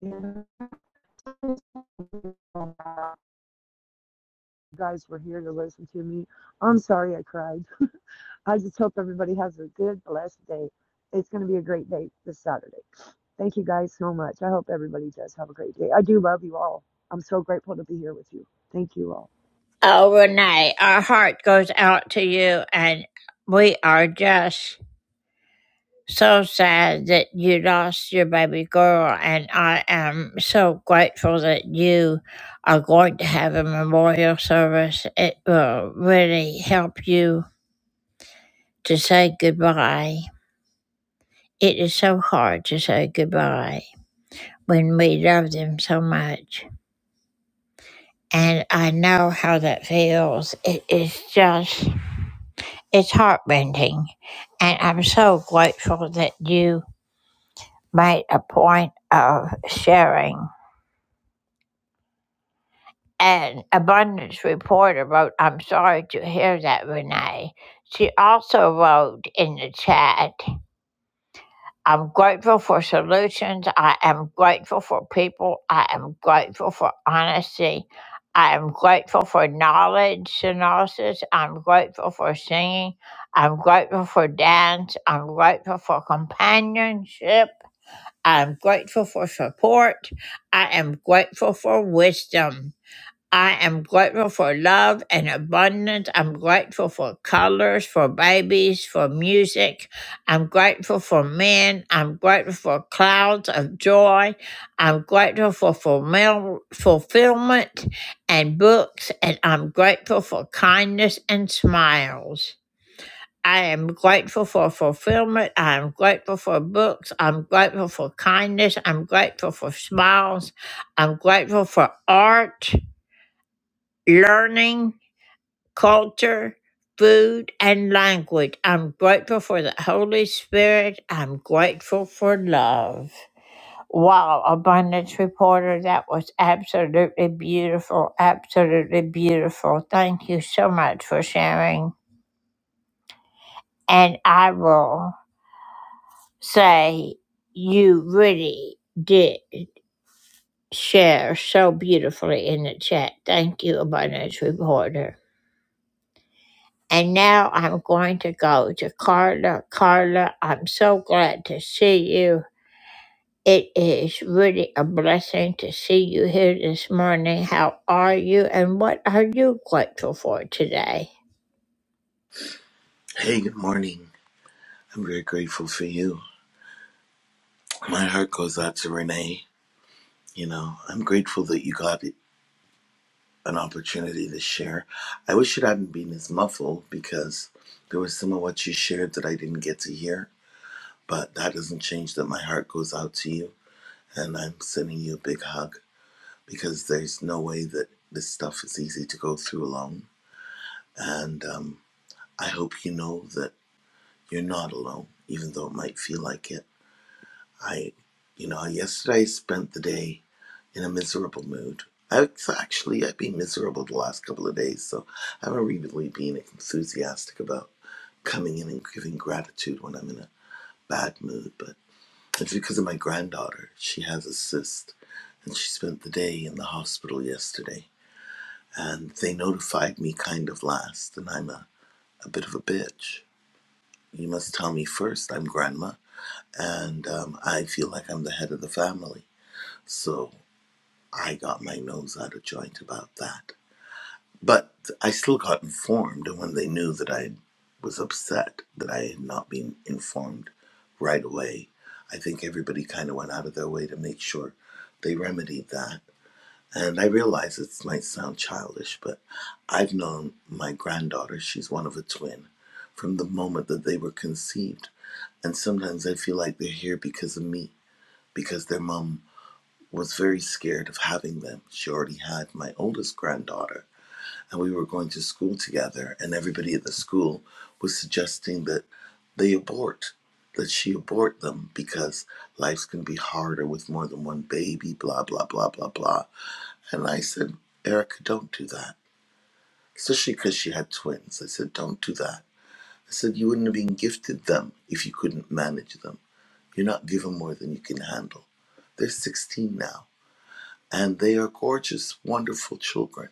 you guys were here to listen to me. I'm sorry I cried. I just hope everybody has a good, blessed day. It's going to be a great day this Saturday. Thank you guys so much. I hope everybody does have a great day. I do love you all. I'm so grateful to be here with you. Thank you all. Oh, Renee, our heart goes out to you, and we are just so sad that you lost your baby girl. And I am so grateful that you are going to have a memorial service. It will really help you to say goodbye. It is so hard to say goodbye when we love them so much. And I know how that feels. It is just It's heartbending. And I'm so grateful that you made a point of sharing. An abundance reporter wrote, I'm sorry to hear that, Renee. She also wrote in the chat I'm grateful for solutions. I am grateful for people. I am grateful for honesty. I am grateful for knowledge analysis. I'm grateful for singing. I'm grateful for dance. I'm grateful for companionship. I'm grateful for support. I am grateful for wisdom. I am grateful for love and abundance. I'm grateful for colors, for babies, for music. I'm grateful for men. I'm grateful for clouds of joy. I'm grateful for fulfill- fulfillment and books. And I'm grateful for kindness and smiles. I am grateful for fulfillment. I am grateful for books. I'm grateful for kindness. I'm grateful for smiles. I'm grateful for art learning, culture, food, and language. I'm grateful for the Holy Spirit. I'm grateful for love. Wow, Abundance Reporter, that was absolutely beautiful. Absolutely beautiful. Thank you so much for sharing. And I will say, you really did share so beautifully in the chat. Thank you, Abundance Reporter. And now I'm going to go to Carla. Carla, I'm so glad to see you. It is really a blessing to see you here this morning. How are you and what are you grateful for today? Hey, good morning. I'm very grateful for you. My heart goes out to Renee. You know, I'm grateful that you got an opportunity to share. I wish it hadn't been as muffled because there was some of what you shared that I didn't get to hear, but that doesn't change that my heart goes out to you and I'm sending you a big hug because there's no way that this stuff is easy to go through alone. And um, I hope you know that you're not alone, even though it might feel like it I, you know, yesterday I spent the day in a miserable mood. I've actually I've been miserable the last couple of days, so I haven't really been enthusiastic about coming in and giving gratitude when I'm in a bad mood. But it's because of my granddaughter. She has a cyst, and she spent the day in the hospital yesterday. And they notified me kind of last, and I'm a, a bit of a bitch. You must tell me first. I'm grandma, and um, I feel like I'm the head of the family. So I got my nose out of joint about that. But I still got informed, and when they knew that I was upset that I had not been informed right away, I think everybody kind of went out of their way to make sure they remedied that. And I realize it might sound childish, but I've known my granddaughter, she's one of a twin, from the moment that they were conceived. And sometimes I feel like they're here because of me, because their mom was very scared of having them. She already had my oldest granddaughter, and we were going to school together, and everybody at the school was suggesting that they abort, that she abort them because life's going to be harder with more than one baby, blah, blah, blah, blah, blah. And I said, Erica, don't do that. Especially because she had twins. I said, don't do that. I said, you wouldn't have been gifted them if you couldn't manage them. You're not given more than you can handle. They're 16 now and they are gorgeous, wonderful children.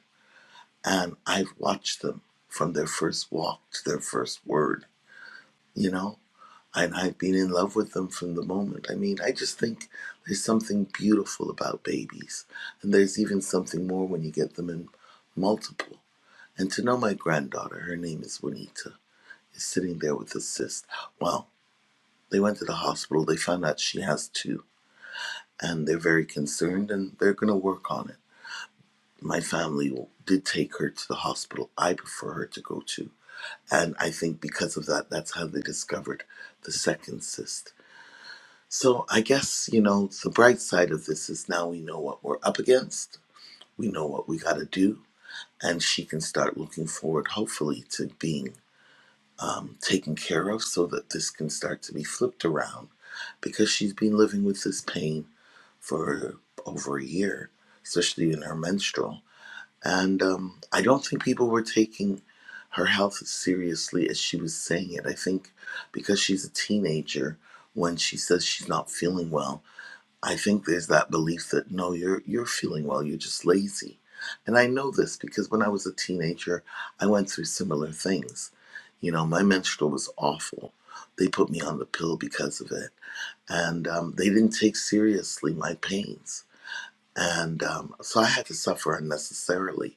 And I've watched them from their first walk to their first word, you know? And I've been in love with them from the moment. I mean, I just think there's something beautiful about babies. And there's even something more when you get them in multiple. And to know my granddaughter, her name is Juanita, is sitting there with a cyst. Well, they went to the hospital, they found out she has two, and they're very concerned and they're going to work on it my family did take her to the hospital I prefer her to go to. And I think because of that, that's how they discovered the second cyst. So I guess, you know, the bright side of this is now we know what we're up against, we know what we got to do, and she can start looking forward, hopefully, to being taken care of so that this can start to be flipped around because she's been living with this pain for over a year, especially in her menstrual. And um, I don't think people were taking her health as seriously as she was saying it. I think because she's a teenager, when she says she's not feeling well, I think there's that belief that no, you're you're feeling well, you're just lazy. And I know this because when I was a teenager, I went through similar things. You know, my menstrual was awful. They put me on the pill because of it, and um, they didn't take seriously my pains, and um, so I had to suffer unnecessarily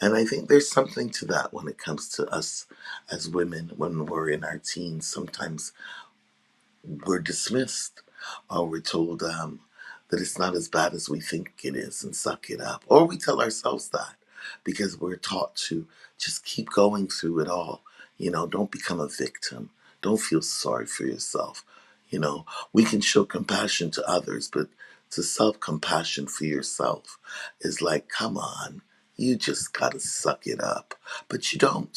and I think there's something to that when it comes to us as women when we're in our teens. Sometimes we're dismissed or we're told um, that it's not as bad as we think it is and suck it up. Or we tell ourselves that because we're taught to just keep going through it all. You know, don't become a victim. Don't feel sorry for yourself. You know, we can show compassion to others, but to self compassion for yourself is like, come on, you just gotta suck it up. But you don't.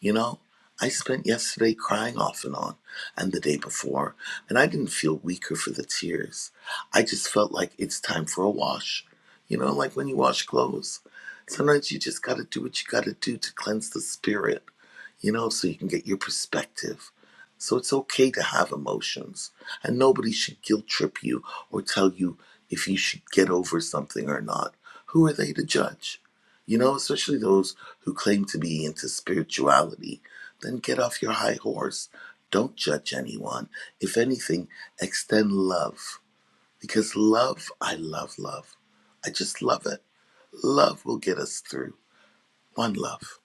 You know, I spent yesterday crying off and on, and the day before, and I didn't feel weaker for the tears. I just felt like it's time for a wash. You know, like when you wash clothes. Sometimes you just gotta do what you gotta do to cleanse the spirit, you know, so you can get your perspective so it's okay to have emotions. And nobody should guilt trip you or tell you if you should get over something or not. Who are they to judge? You know, especially those who claim to be into spirituality. Then get off your high horse. Don't judge anyone. If anything, extend love. Because love, I love love. I just love it. Love will get us through. One love.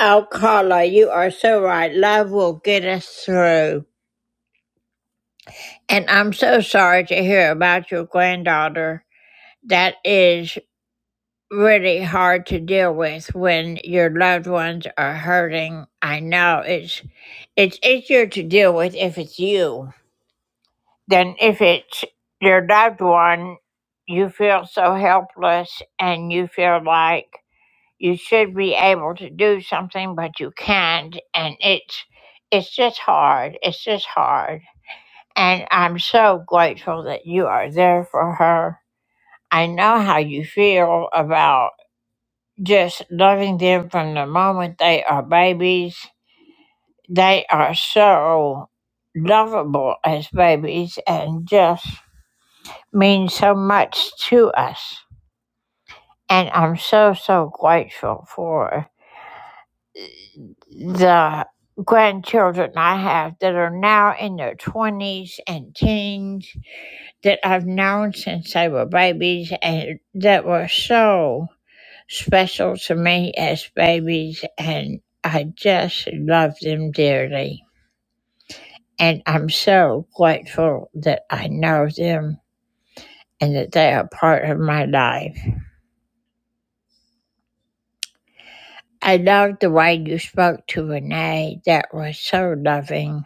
Oh, Carla, you are so right. Love will get us through. And I'm so sorry to hear about your granddaughter. That is really hard to deal with when your loved ones are hurting. I know it's it's easier to deal with if it's you than if it's your loved one. You feel so helpless and you feel like you should be able to do something but you can't and it's it's just hard. It's just hard. And I'm so grateful that you are there for her. I know how you feel about just loving them from the moment they are babies. They are so lovable as babies and just mean so much to us. And I'm so, so grateful for the grandchildren I have that are now in their 20s and teens that I've known since they were babies and that were so special to me as babies, and I just love them dearly. And I'm so grateful that I know them and that they are part of my life. I loved the way you spoke to Renee. That was so loving.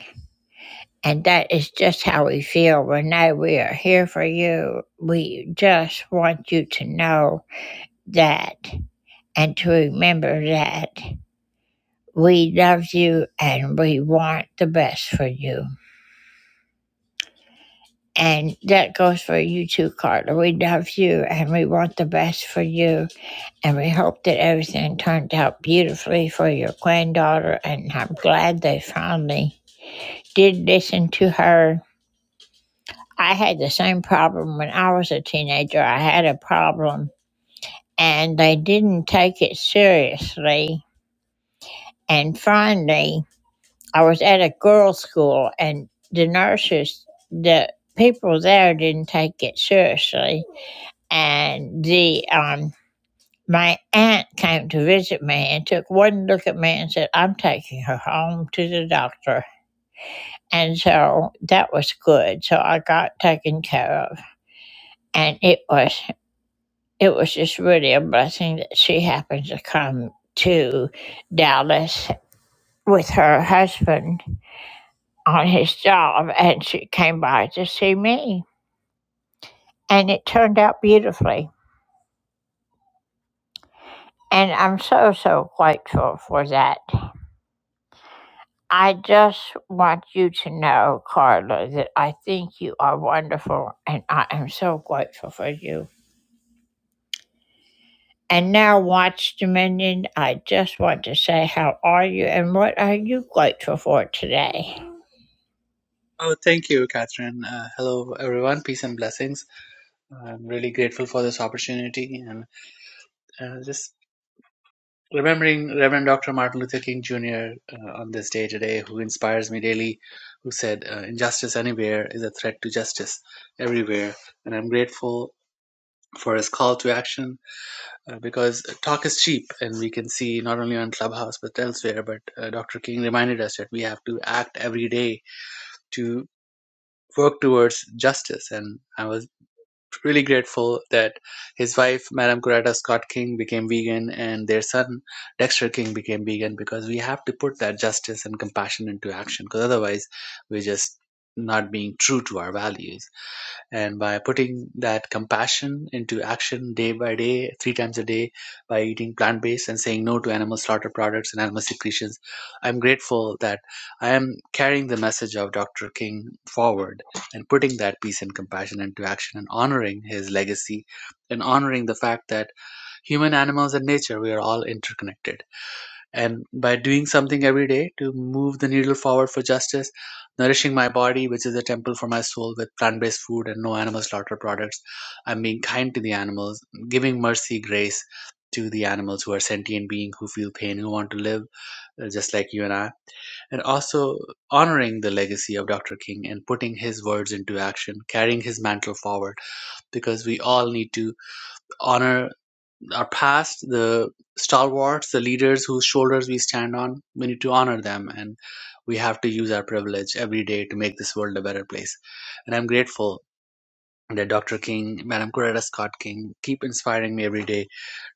And that is just how we feel, Renee. We are here for you. We just want you to know that and to remember that we love you and we want the best for you. And that goes for you too, Carla. We love you and we want the best for you. And we hope that everything turned out beautifully for your granddaughter. And I'm glad they finally did listen to her. I had the same problem when I was a teenager. I had a problem and they didn't take it seriously. And finally, I was at a girls' school and the nurses, the people there didn't take it seriously and the um my aunt came to visit me and took one look at me and said, I'm taking her home to the doctor. And so that was good. So I got taken care of. And it was it was just really a blessing that she happened to come to Dallas with her husband on his job and she came by to see me. And it turned out beautifully. And I'm so so grateful for that I just want you to know, Carla, that I think you are wonderful and I am so grateful for you. And now, Watch Dominion, I just want to say, how are you and what are you grateful for today? Oh, thank you, Catherine. Uh, hello, everyone. Peace and blessings. I'm really grateful for this opportunity and uh, just remembering Reverend Dr. Martin Luther King Jr. Uh, on this day today, who inspires me daily, who said, uh, Injustice anywhere is a threat to justice everywhere. And I'm grateful for his call to action uh, because talk is cheap and we can see not only on Clubhouse but elsewhere. But uh, Dr. King reminded us that we have to act every day to work towards justice and i was really grateful that his wife, Madame Coretta Scott King, became vegan and their son, Dexter King, became vegan because we have to put that justice and compassion into action because otherwise we're just not being true to our values and by putting that compassion into action day by day three times a day by eating plant-based and saying no to animal slaughter products and animal secretions i'm grateful that i am carrying the message of dr king forward and putting that peace and compassion into action and honoring his legacy and honoring the fact that human animals and nature we are all interconnected and by doing something every day to move the needle forward for justice, nourishing my body, which is a temple for my soul, with plant based food and no animal slaughter products, I'm being kind to the animals, giving mercy, grace to the animals who are sentient beings who feel pain, who want to live uh, just like you and I, and also honoring the legacy of Dr. King and putting his words into action, carrying his mantle forward, because we all need to honor our past, the stalwarts, the leaders whose shoulders we stand on, we need to honor them and we have to use our privilege every day to make this world a better place. And I'm grateful that Dr. King, Madam Coretta Scott King keep inspiring me every day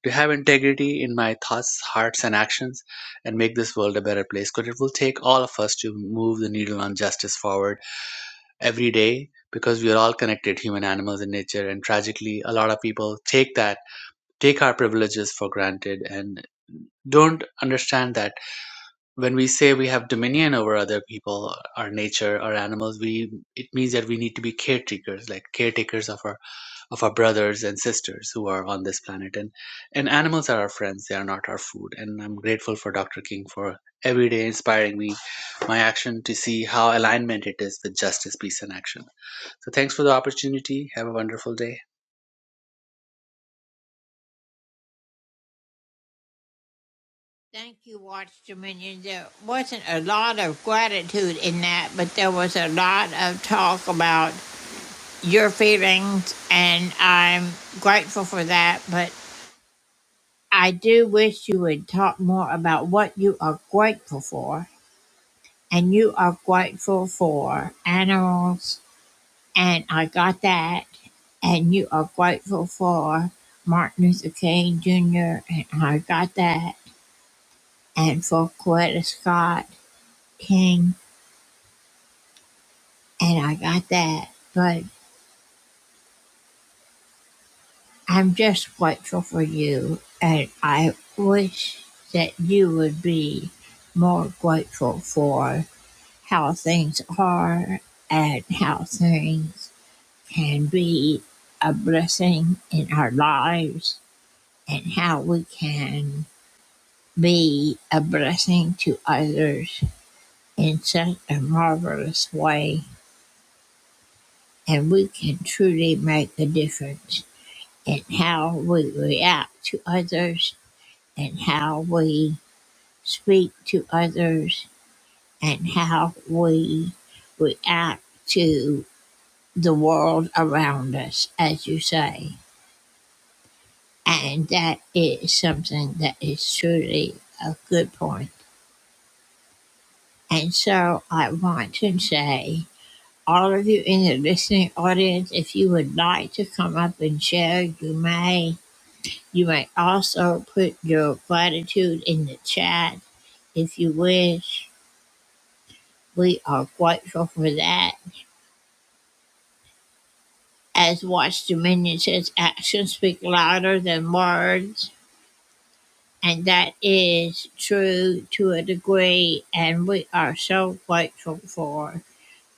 to have integrity in my thoughts, hearts, and actions and make this world a better place. Because it will take all of us to move the needle on justice forward every day because we are all connected, human, animals, and nature. And tragically, a lot of people take that take our privileges for granted and don't understand that when we say we have dominion over other people our nature our animals we it means that we need to be caretakers like caretakers of our of our brothers and sisters who are on this planet and and animals are our friends they are not our food and i'm grateful for dr king for every day inspiring me my action to see how alignment it is with justice peace and action so thanks for the opportunity have a wonderful day Thank you, Watch Dominion. There wasn't a lot of gratitude in that, but there was a lot of talk about your feelings, and I'm grateful for that. But I do wish you would talk more about what you are grateful for and you are grateful for animals, and I got that, and you are grateful for Martin Luther King Jr., and I got that, and for Coretta Scott King, and I got that, but I'm just grateful for you, and I wish that you would be more grateful for how things are and how things can be a blessing in our lives and how we can be a blessing to others in such a marvelous way. And we can truly make a difference in how we react to others and how we speak to others and how we react to the world around us, as you say. And that is something that is truly a good point. And so I want to say, all of you in the listening audience, if you would like to come up and share, you may. You may also put your gratitude in the chat if you wish. We are grateful for that. As Watch Dominion says, actions speak louder than words. And that is true to a degree. And we are so grateful for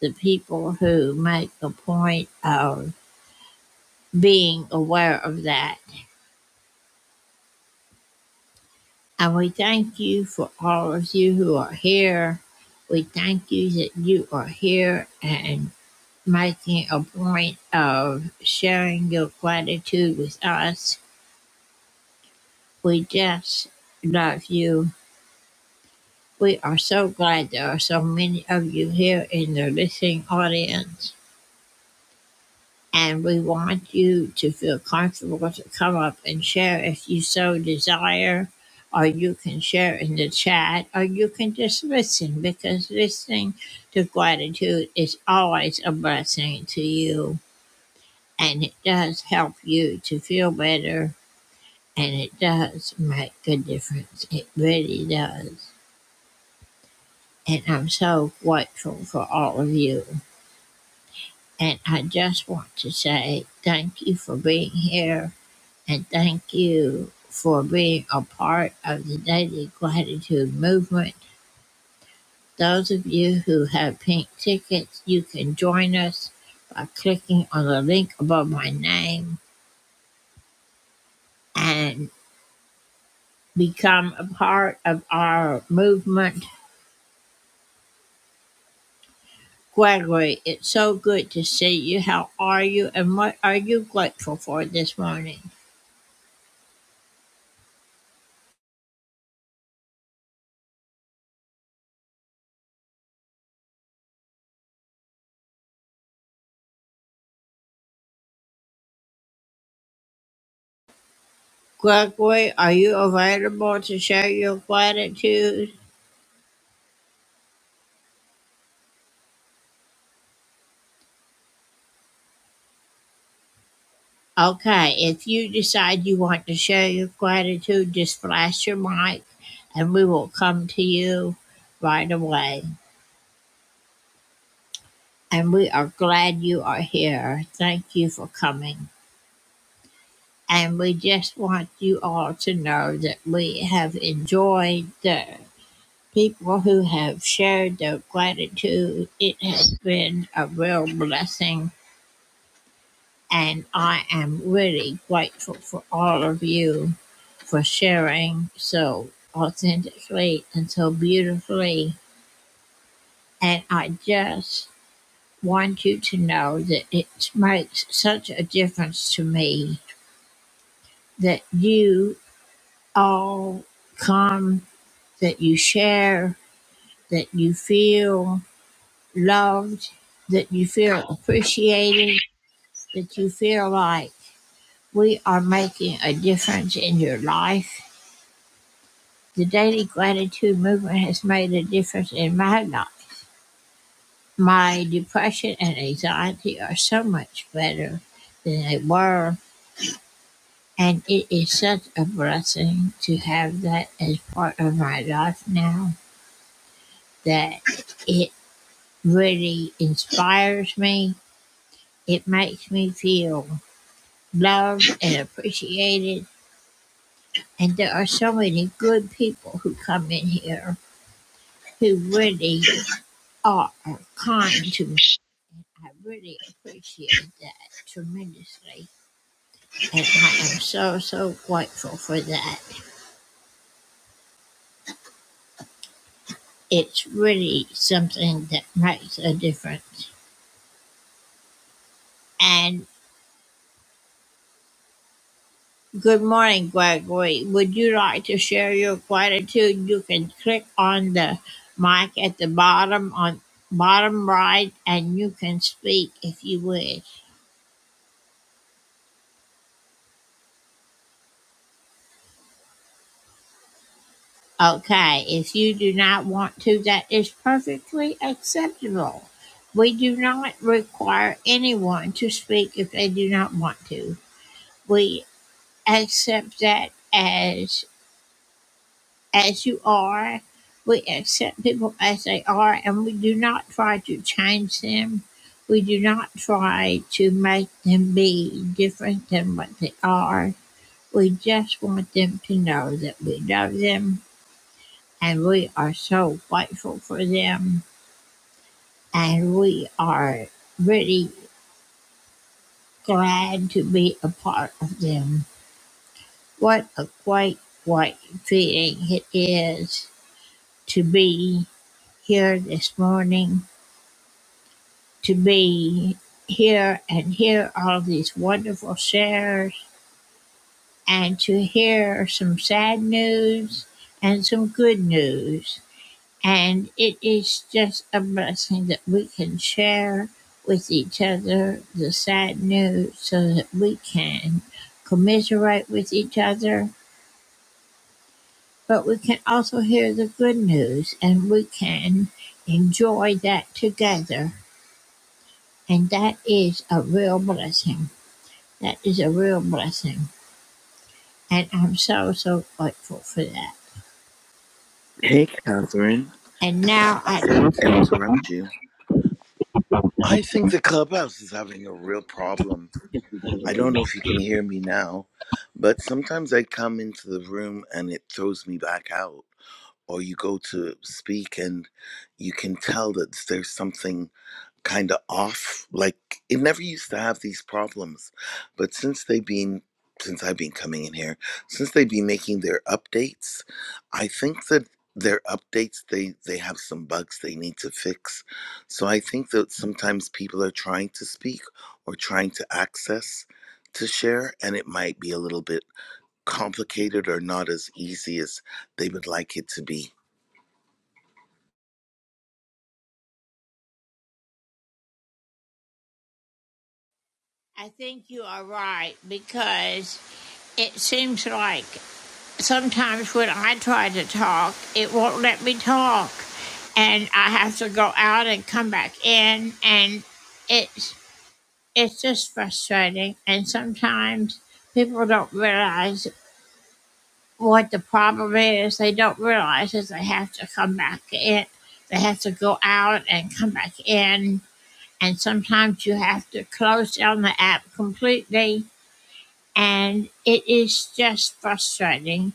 the people who make a point of being aware of that. And we thank you for all of you who are here. We thank you that you are here and making a point of sharing your gratitude with us. We just love you We are so glad there are so many of you here in the listening audience, and we want you to feel comfortable to come up and share if you so desire, or you can share in the chat, or you can just listen because listening to gratitude is always a blessing to you, and it does help you to feel better, and it does make a difference. It really does. And I'm so grateful for all of you. And I just want to say thank you for being here and thank you for being a part of the Daily Gratitude Movement. Those of you who have pink tickets, you can join us by clicking on the link above my name and become a part of our movement. Gregory, it's so good to see you. How are you and what are you grateful for this morning? Gregory, are you available to share your gratitude? Okay, if you decide you want to share your gratitude, just flash your mic and we will come to you right away. And we are glad you are here. Thank you for coming. And we just want you all to know that we have enjoyed the people who have shared their gratitude. It has been a real blessing And I am really grateful for all of you for sharing so authentically and so beautifully. And I just want you to know that it makes such a difference to me that you all come, that you share, that you feel loved, that you feel appreciated, that you feel like we are making a difference in your life The Daily Gratitude Movement has made a difference in my life. My depression and anxiety are so much better than they were, and it is such a blessing to have that as part of my life now that it really inspires me. It makes me feel loved and appreciated. And there are so many good people who come in here who really are kind to me. I really appreciate that tremendously. And I am so, so grateful for that. It's really something that makes a difference. And good morning, Gregory. Would you like to share your gratitude? You can click on the mic at the bottom on bottom right and you can speak if you wish. Okay, if you do not want to, that is perfectly acceptable. We do not require anyone to speak if they do not want to. We accept that as as you are. We accept people as they are and we do not try to change them. We do not try to make them be different than what they are. We just want them to know that we love them and we are so grateful for them. And we are really glad to be a part of them. What a great, great feeling it is to be here this morning, to be here and hear all of these wonderful shares, and to hear some sad news and some good news And it is just a blessing that we can share with each other the sad news so that we can commiserate with each other, but we can also hear the good news and we can enjoy that together. And that is a real blessing. That is a real blessing. And I'm so, so grateful for that. Hey, Catherine. And now I, Sorry to interrupt you. I think the clubhouse is having a real problem. I don't know if you can hear me now, but sometimes I come into the room and it throws me back out. Or you go to speak and you can tell that there's something kind of off. Like it never used to have these problems, but since they've been since I've been coming in here, since they've been making their updates, I think that their updates they they have some bugs they need to fix. So I think that sometimes people are trying to speak or trying to access to share and it might be a little bit complicated or not as easy as they would like it to be. I think you are right because it seems like sometimes when I try to talk, it won't let me talk. And I have to go out and come back in and it's it's just frustrating and sometimes people don't realize what the problem is. They don't realize is they have to come back in. They have to go out and come back in and sometimes you have to close down the app completely and it is just frustrating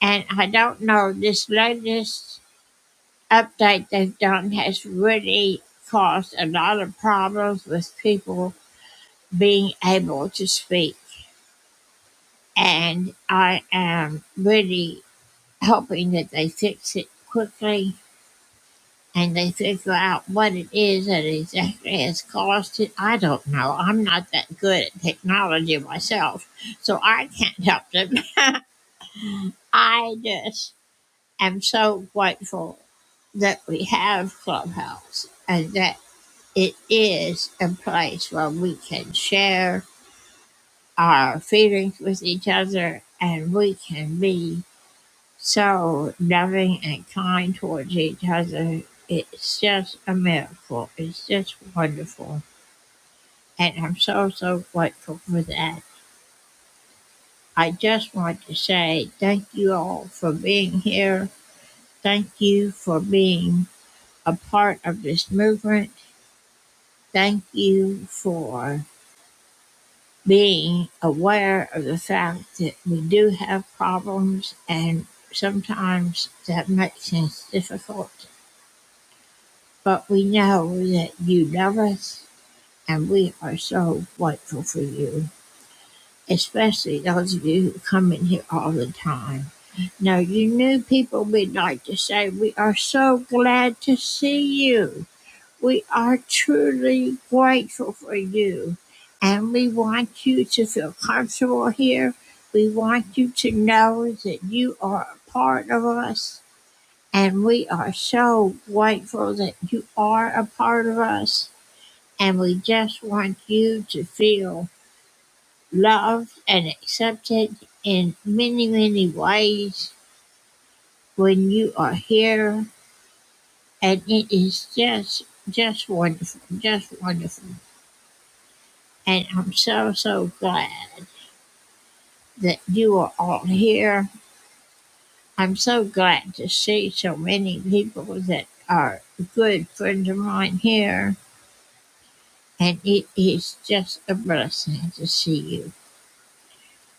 and I don't know, this latest update they've done has really caused a lot of problems with people being able to speak. And I am really hoping that they fix it quickly and they figure out what it is that exactly has caused it. I don't know. I'm not that good at technology myself, so I can't help them. I just am so grateful that we have Clubhouse and that it is a place where we can share our feelings with each other and we can be so loving and kind towards each other. It's just a miracle. It's just wonderful. And I'm so, so grateful for that. I just want to say thank you all for being here. Thank you for being a part of this movement Thank you for being aware of the fact that we do have problems and sometimes that makes things difficult. But we know that you love us and we are so grateful for you, especially those of you who come in here all the time. Now, you new people, we'd like to say we are so glad to see you. We are truly grateful for you and we want you to feel comfortable here. We want you to know that you are a part of us and we are so grateful that you are a part of us and we just want you to feel loved and accepted in many, many ways when you are here and it is just just wonderful, just wonderful. And I'm so, so glad that you are all here. I'm so glad to see so many people that are good friends of mine here. And it is just a blessing to see you.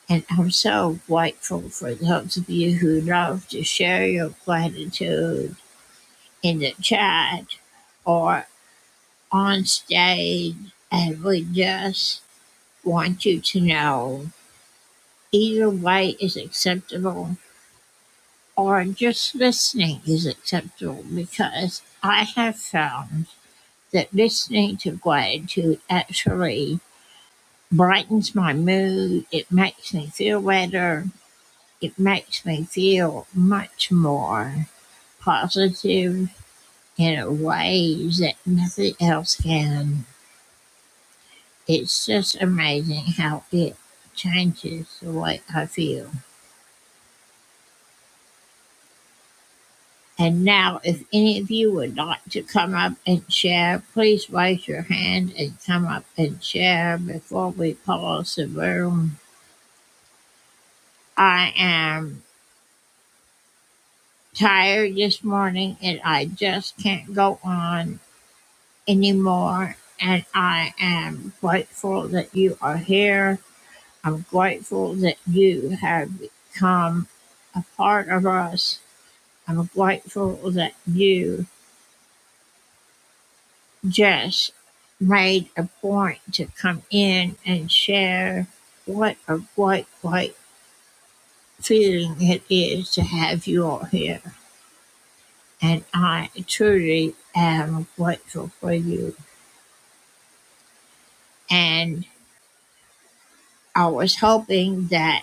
And I'm so grateful for those of you who love to share your gratitude in the chat or on stage. And we just want you to know either way is acceptable or just listening is acceptable because I have found that listening to gratitude actually brightens my mood. It makes me feel better. It makes me feel much more positive in a way that nothing else can. It's just amazing how it changes the way I feel. And now, if any of you would like to come up and share, please raise your hand and come up and share before we pause the room. I am tired this morning and I just can't go on anymore. And I am grateful that you are here. I'm grateful that you have become a part of us. I'm grateful that you Just made a point to come in and share what a great, great feeling it is to have you all here. And I truly am grateful for you. And I was hoping that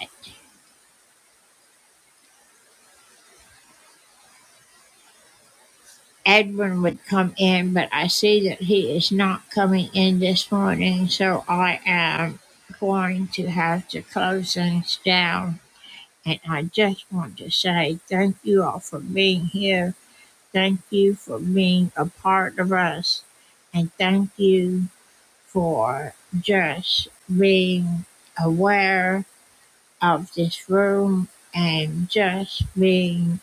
Edwin would come in, but I see that he is not coming in this morning. So I am going to have to close things down. And I just want to say thank you all for being here Thank you for being a part of us. And thank you for just being aware of this room and just being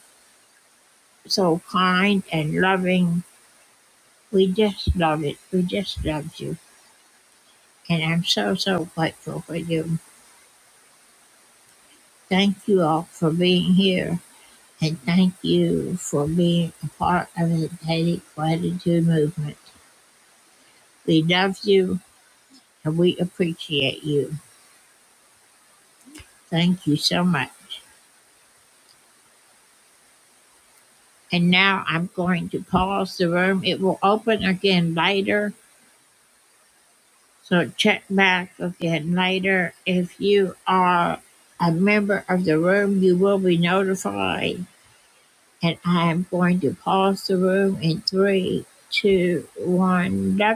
so kind and loving. We just love it. We just love you. And I'm so, so grateful for you. Thank you all for being here. And thank you for being a part of the Daily Gratitude Movement. We love you and we appreciate you. Thank you so much. And now I'm going to pause the room. It will open again later. So check back again later. If you are a member of the room, you will be notified. And I am going to pause the room in three, two, one. Love